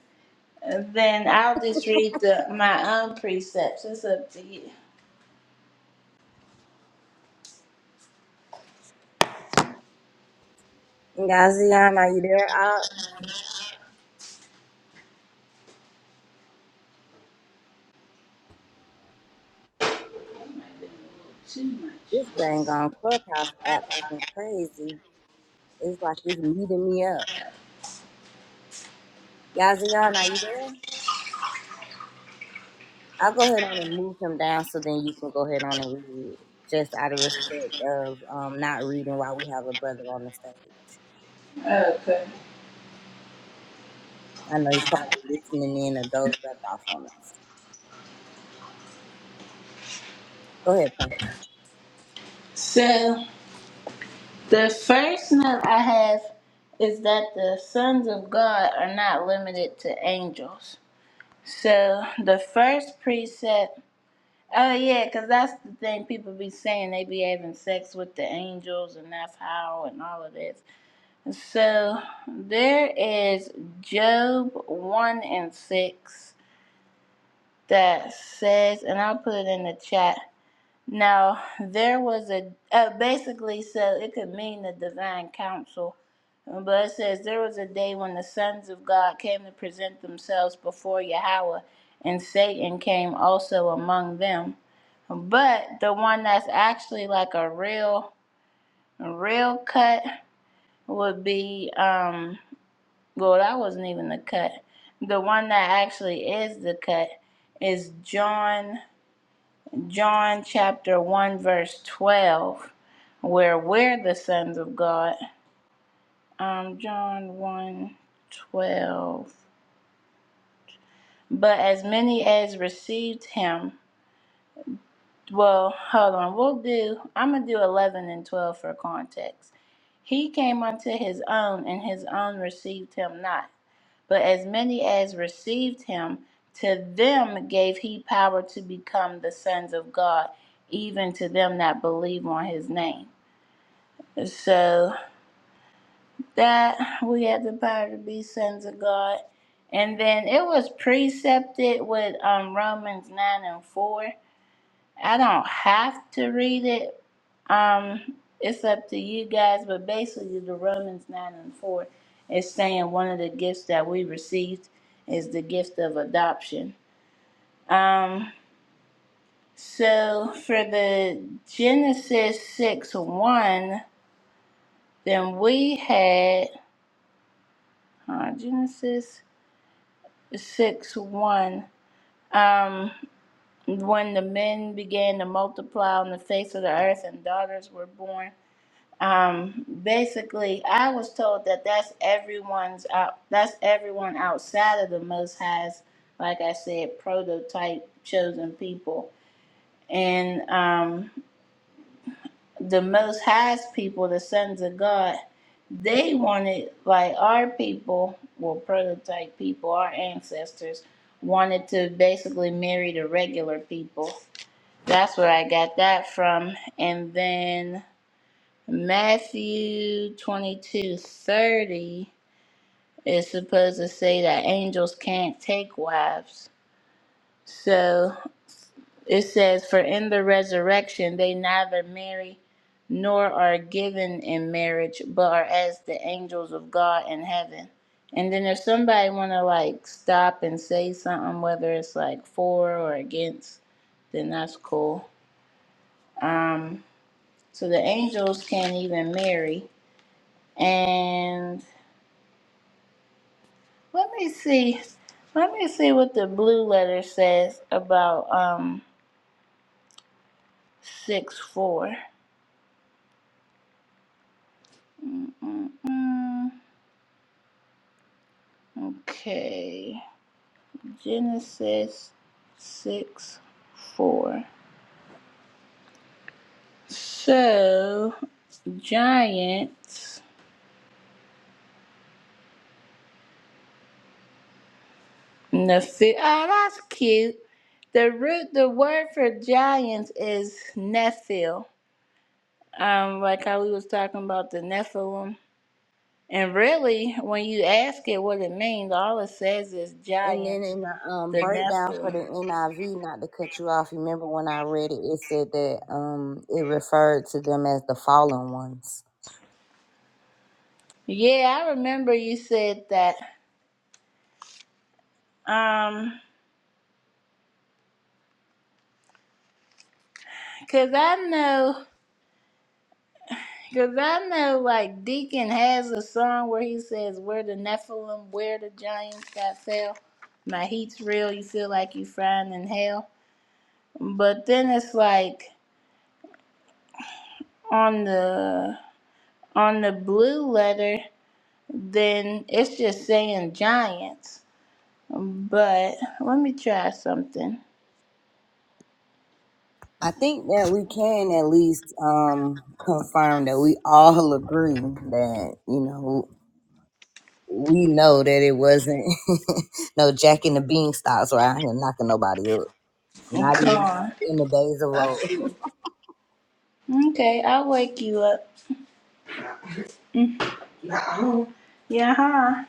[SPEAKER 3] then I'll just read the, my own precepts. It's up to you.
[SPEAKER 1] Gazian, are you there? I,
[SPEAKER 3] Too
[SPEAKER 1] this
[SPEAKER 3] much.
[SPEAKER 1] thing on Clubhouse app acting crazy. It's like it's meeting me up. Gazian, are you there? I'll go ahead on and move him down so then you can go ahead on and read it. Just out of respect of um, not reading while we have a brother on the stage. I know you're probably listening in or dozed back off on us. Go ahead, Princess.
[SPEAKER 3] So the first note I have is that the sons of God are not limited to angels. So the first precept. Oh yeah, because that's the thing people be saying they be having sex with the angels and that's how and all of that So there is Job 1 and 6 that says, and I'll put it in the chat. Now, there was a, uh, basically, so it could mean the divine counsel, but it says, There was a day when the sons of God came to present themselves before Yahweh, and Satan came also among them. But the one that's actually like a real, real cut would be. um Well, that wasn't even the cut. The one that actually is the cut is John John chapter 1 verse 12 where we're the sons of God. Um John one 12. But as many as received him, well, hold on. We'll do I'm going to do 11 and 12 for context. He came unto his own and his own received him not. But as many as received him, to them gave he power to become the sons of God, even to them that believe on his name. So that we have the power to be sons of God. And then it was precepted with um, Romans 9 and 4 I don't have to read it. Um, it's up to you guys, but basically the Romans nine and four is saying one of the gifts that we received is the gift of adoption. Um, so for the Genesis six one, then we had uh, Genesis six one. Um, when the men began to multiply on the face of the earth and daughters were born Um, basically, I was told that that's everyone's out. That's everyone outside of the Most High's, like I said, prototype chosen people, and um, the Most High's people, the sons of God. They wanted like our people, well, prototype people, our ancestors wanted to basically marry the regular people. That's where I got that from, and then. Matthew 22 30 is supposed to say that angels can't take wives. So it says, For in the resurrection they neither marry nor are given in marriage, but are as the angels of God in heaven. And then if somebody want to like stop and say something, whether it's like for or against, then that's cool. Um, so the angels can't even marry. And Let me see. Let me see what the blue letter says about um six four. Mm-mm-mm. Okay, Genesis six four. So giants. Nephi- oh, that's cute. The root, the word for giants is Nephil. Um, like how we was talking about the Nephilim. And really, when you ask it what it means, all it says is giants,
[SPEAKER 1] In the um,
[SPEAKER 3] the
[SPEAKER 1] breakdown for
[SPEAKER 3] Nephilim.
[SPEAKER 1] the NIV, not to cut you off, remember when I read it, it said that um, it referred to them as the fallen ones.
[SPEAKER 3] Yeah, I remember you said that. Um, 'cause I know, cause I know, like Deacon has a song where he says, "Where the Nephilim, where the giants that fell, my heat's real. You feel like you frying in hell." But then it's like on the on the blue letter, then it's just saying giants. But let me try something.
[SPEAKER 1] I think that we can at least um, confirm that we all agree that, you know, we know that it wasn't no Jack and the Beanstalks were out here knocking nobody up. Not even
[SPEAKER 3] Con.
[SPEAKER 1] in the days of old.
[SPEAKER 3] Okay, I'll wake you up. Oh, Yeah, huh?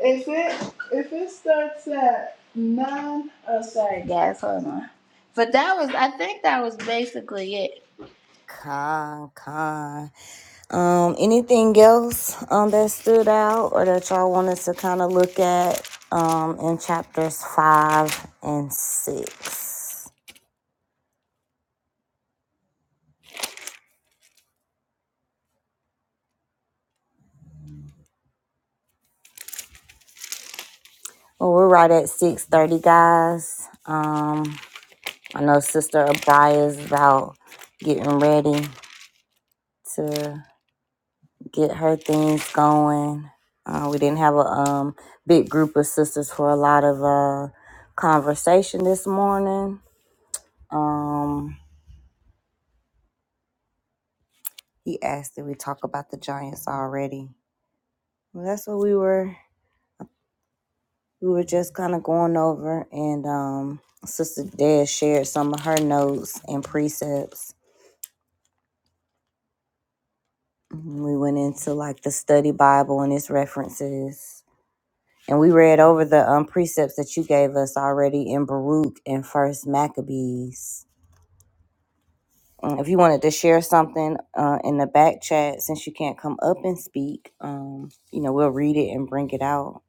[SPEAKER 3] if it if it starts at nine, oh sorry guys, hold on. But that was, I think that was basically it.
[SPEAKER 1] Con, con. Um, anything else um that stood out or that y'all wanted to kind of look at um in chapters five and six? I know sister is ready to get her things going. Uh, we didn't have a um big group of sisters for a lot of uh conversation this morning. Um, he asked if we talk about the Giants already. Well, that's what we were. we were just kind of going over and um sister dad shared some of her notes and precepts we went into like the study bible and its references and we read over the um, precepts that you gave us already in baruch and first maccabees Um, if you wanted to share something uh, in the back chat since you can't come up and speak um, you know we'll read it and bring it out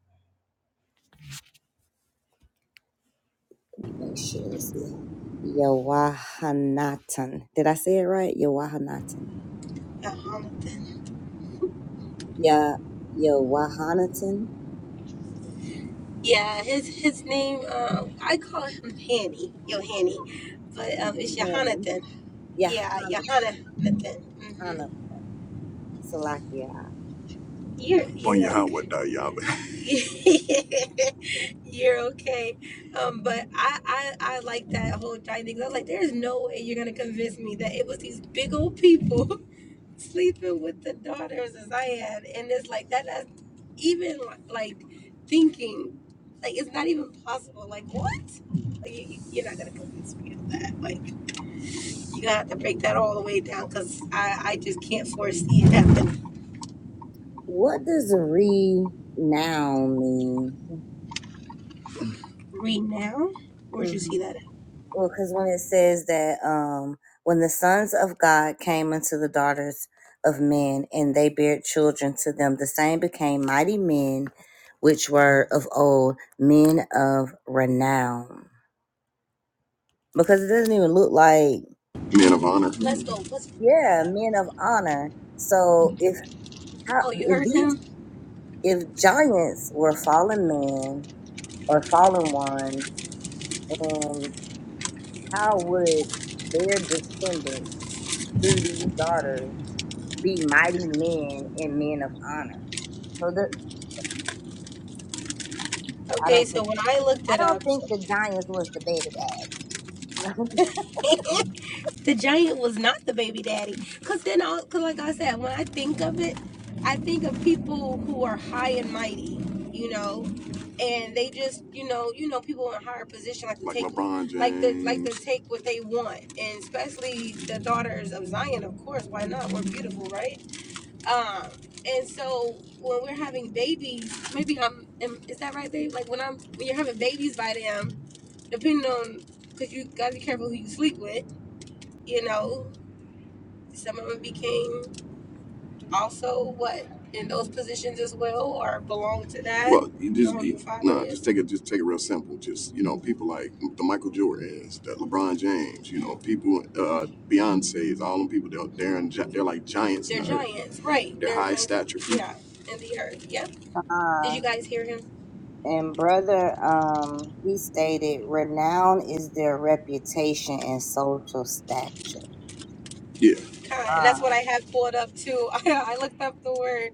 [SPEAKER 1] Let me make sure it's Yowahanatan. Did I say it right? Yowahanatan
[SPEAKER 2] Um,
[SPEAKER 1] Ya Yohanatan,
[SPEAKER 2] yeah, his his name um I call him Hanny, Yo Hanny, but um it's Yohanathan.
[SPEAKER 1] Yohanatan
[SPEAKER 2] Yeah, Yohanathan. Mm-hmm.
[SPEAKER 1] Salakia.
[SPEAKER 2] You're on your highway, dog, y'all. okay. you're okay. Um, but I, I I like that whole giant thing. I was like, there's no way you're gonna convince me that it was these big old people sleeping with the daughters as I had, and it's like that. That's even like thinking, like it's not even possible. Like what? Like, you, you're not gonna convince me of that. Like you gotta have to break that all the way down because I I just can't foresee it happening.
[SPEAKER 1] What does "renown" mean?
[SPEAKER 2] Read now. Where'd you see
[SPEAKER 1] hmm
[SPEAKER 2] that?
[SPEAKER 1] Well, because when it says that um, when the sons of God came unto the daughters of men, and they bare children to them, the same became mighty men, which were of old men of renown. Because it doesn't even look like
[SPEAKER 2] Man of honor. Let's go. Let's look that
[SPEAKER 1] yeah,
[SPEAKER 2] up.
[SPEAKER 1] men of honor. So if how,
[SPEAKER 2] Oh, you
[SPEAKER 1] if
[SPEAKER 2] heard
[SPEAKER 1] these
[SPEAKER 2] him?
[SPEAKER 1] if giants were fallen men or fallen ones, and how would their descendants through these daughters be mighty men and men of honor? So the, I
[SPEAKER 2] Okay,
[SPEAKER 1] don't think
[SPEAKER 2] so when I looked
[SPEAKER 1] I
[SPEAKER 2] it
[SPEAKER 1] don't
[SPEAKER 2] up,
[SPEAKER 1] think
[SPEAKER 2] so
[SPEAKER 1] the giants was the baby dad.
[SPEAKER 2] the giant was not the baby daddy. Cause then, I, cause like I said, when I think of it, I think of people who are high and mighty, you know, and they just, you know, you know, people in higher position like to Like take, LeBron James. like the like to take what they want, and especially the daughters of Zion, of course. Why not? We're beautiful, right? Um, and so when we're having babies, maybe I'm am, is that right, babe? Like when I'm when you're having babies by them, depending on because you gotta be careful who you sleep with. You know, some of them became also what in those positions as well or belong to that? Well, you just Someone you, you follow no, with? just take it. Just take it real simple. Just you know, people like the Michael Jordans, the LeBron James. You know, people, uh, Beyonce's, all them people. They're they're, in, gi- they're like giants They're in the earth. giants, right? They're They're high like stature people. yeah, in the earth. Yep. Did you
[SPEAKER 1] Uh,
[SPEAKER 2] guys hear him?
[SPEAKER 1] and brother, um, he stated, renown is their reputation and social stature.
[SPEAKER 2] Yeah. Con. And that's
[SPEAKER 1] Uh,
[SPEAKER 2] what I had pulled up too. I looked up the word.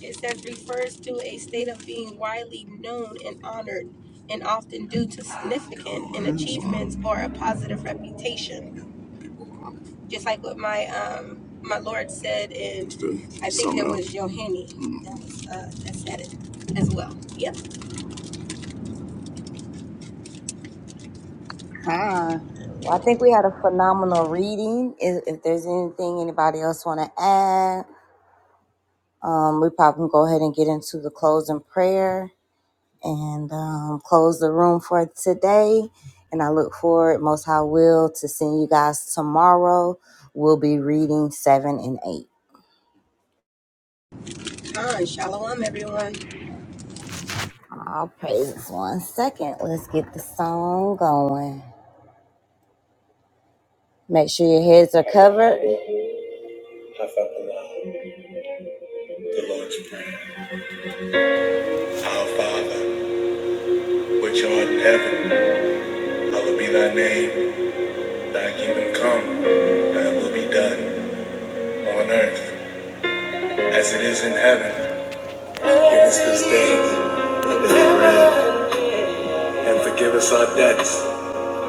[SPEAKER 2] It says refers to a state of being widely known and honored, and often due to significant in achievements or a positive reputation. Just like what my um my Lord said, and I think it was Yohani Mm. that was uh, that said it as well. Yep.
[SPEAKER 1] Hi. Well, I think we had a phenomenal reading. If, if there's anything anybody else want to add, um, we probably can go ahead and get into the closing prayer and um, close the room for today. And I look forward, most high will, to seeing you guys tomorrow. We'll be reading seven and eight.
[SPEAKER 2] Con. Shalom, everyone.
[SPEAKER 1] Owen. The Lord's Prayer. Our Father, which art in heaven, hallowed be thy name. Thy kingdom come, thy will be done on earth as it is in heaven. Give us this day our bread, and forgive us our debts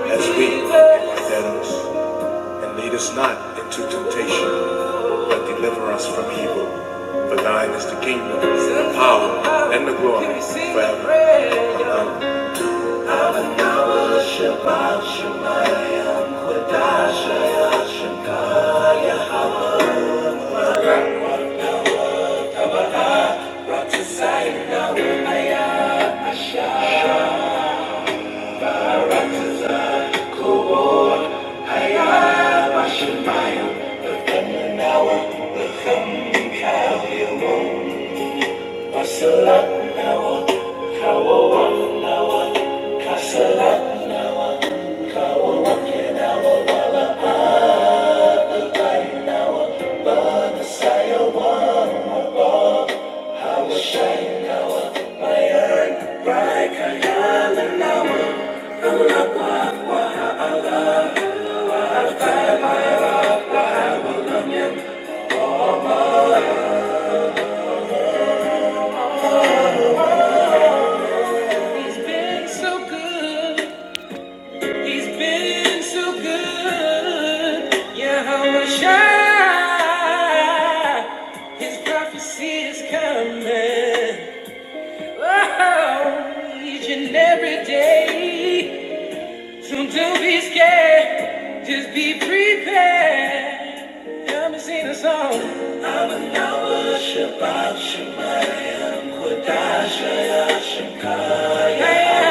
[SPEAKER 1] as we forgive our debtors. And lead us not into temptation, but deliver us from evil. For thine is the kingdom, the power, and the glory forever. Amen. He's been so good. He's been so good. Yeah, how much I His prophecy is coming. Oh, each and every day. So don't be scared. Just be prepared. I'ma sing a song. I'm a Noah Shabbat Shemayim Kodashaya Shemkaya.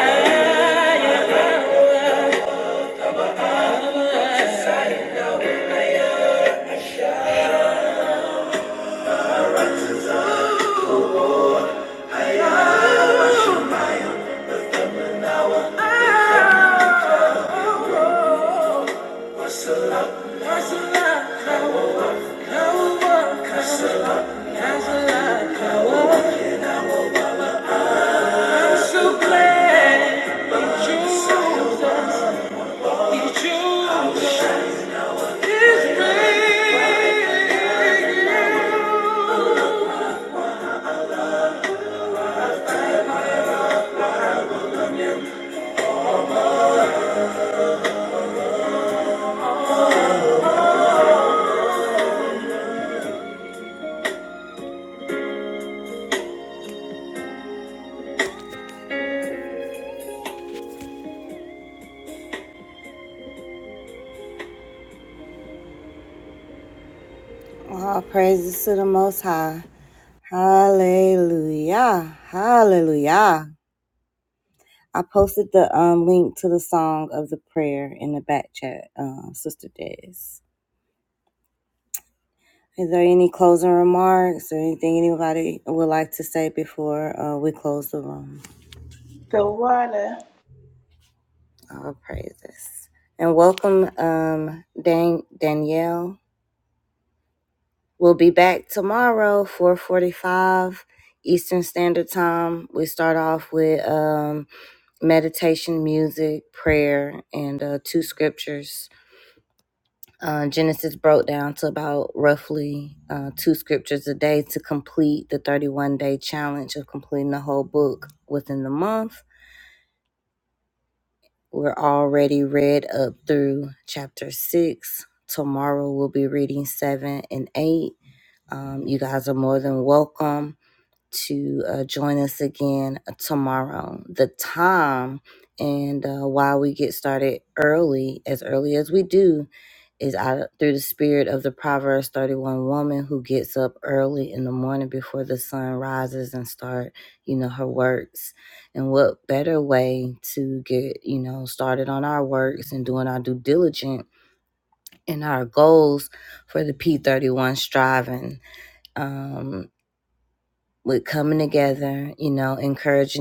[SPEAKER 1] All praises to the Most High. Hallelujah. Hallelujah. I posted the um, link to the song of the prayer in the back chat, uh, Sister Des. Is there any closing remarks or anything anybody would like to say before uh, we close the room?
[SPEAKER 3] The water.
[SPEAKER 1] All praises. And welcome, um, Dan- Danielle. We'll be back tomorrow, 445 Eastern Standard Time. We start off with um, meditation, music, prayer, and uh, two scriptures. And uh, why we get started early, as early as we do, is out through the spirit of the Proverbs 31 woman who gets up early in the morning before the sun rises and start, you know, her works. And what better way to get, you know, started on our works and doing our due diligence and our goals for the P31 striving. Um, with coming together, you know, encouraging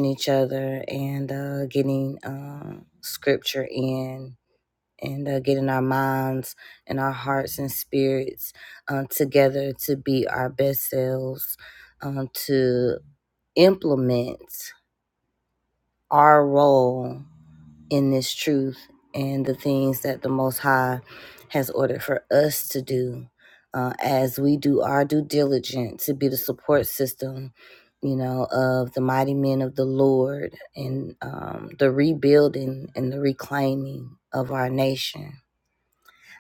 [SPEAKER 1] system, you know, of the mighty men of the Lord and um, the rebuilding and the reclaiming of our nation.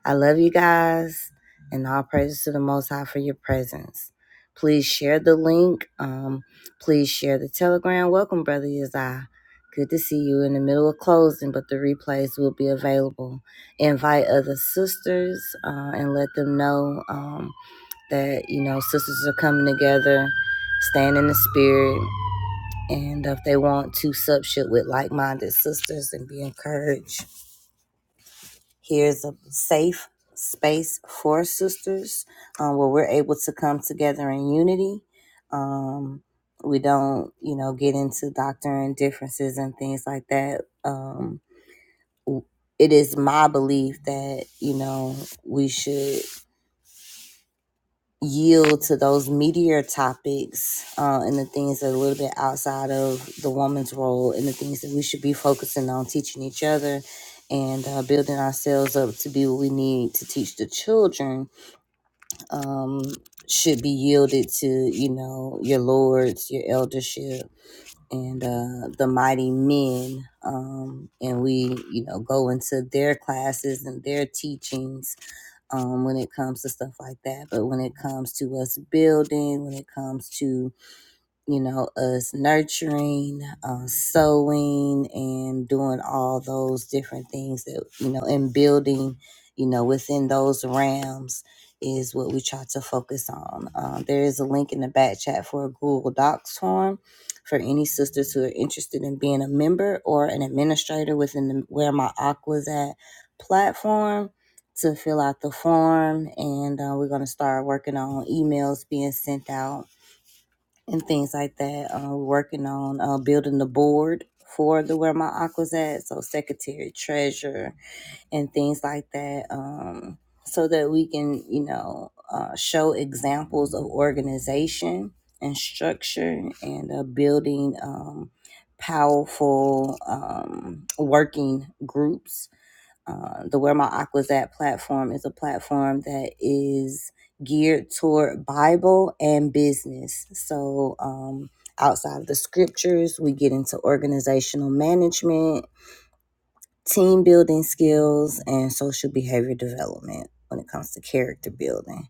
[SPEAKER 1] I love you guys and all praises to the Most High for your presence. Please share the link. Um, please share the telegram. Welcome, Brother Yazai. Good to see you in the middle of closing, but the replays will be available. Invite other sisters uh, and let them know. Um, that you know sisters are coming together staying in the spirit and if they want to sup shit with like-minded sisters and be encouraged here's a safe space for sisters um, where we're able to come together in unity um, we don't you know get into doctrine differences and things like that um, it is my belief that you know we should yield to those meatier topics uh, and the things that are a little bit outside of the woman's role and the things that we should be focusing on teaching each other and uh, building ourselves up to be what we need to teach the children um, should be yielded to you know your lords your eldership and uh, the mighty men um, and we you know go into their classes and their teachings um, when it comes to stuff like that. But when it comes to us building, when it comes to you know, us nurturing, um, sewing, and doing all those different things that, you know, and building, you know, within those realms is what we try to focus on. Um, there is a link in the back chat for a Google Docs form for any sisters who are interested in being a member or an administrator within the Where My Aqua's At platform to fill out the form. And uh, we're going to start working on emails being sent out and things like that. Um, we're working on uh, building the board for the Where My Aqua's at, so secretary, treasurer, and things like that, um, so that we can, you know, uh, show examples of organization and structure and uh, building um, powerful um, working groups uh, the Where My Aqua's At platform is a platform that is geared toward Bible and business. So, um, outside of the scriptures, we get into organizational management, team building skills, and social behavior development when it comes to character building.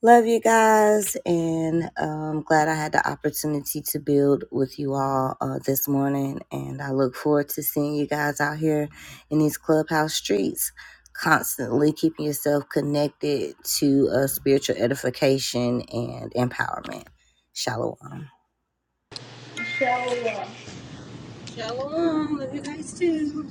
[SPEAKER 1] Love you guys, and um, glad I had the opportunity to build with you all uh, this morning. And I look forward to seeing you guys out here in these clubhouse streets, constantly keeping yourself connected to uh, spiritual edification and empowerment. Shalom.
[SPEAKER 2] Shalom. Love you guys too.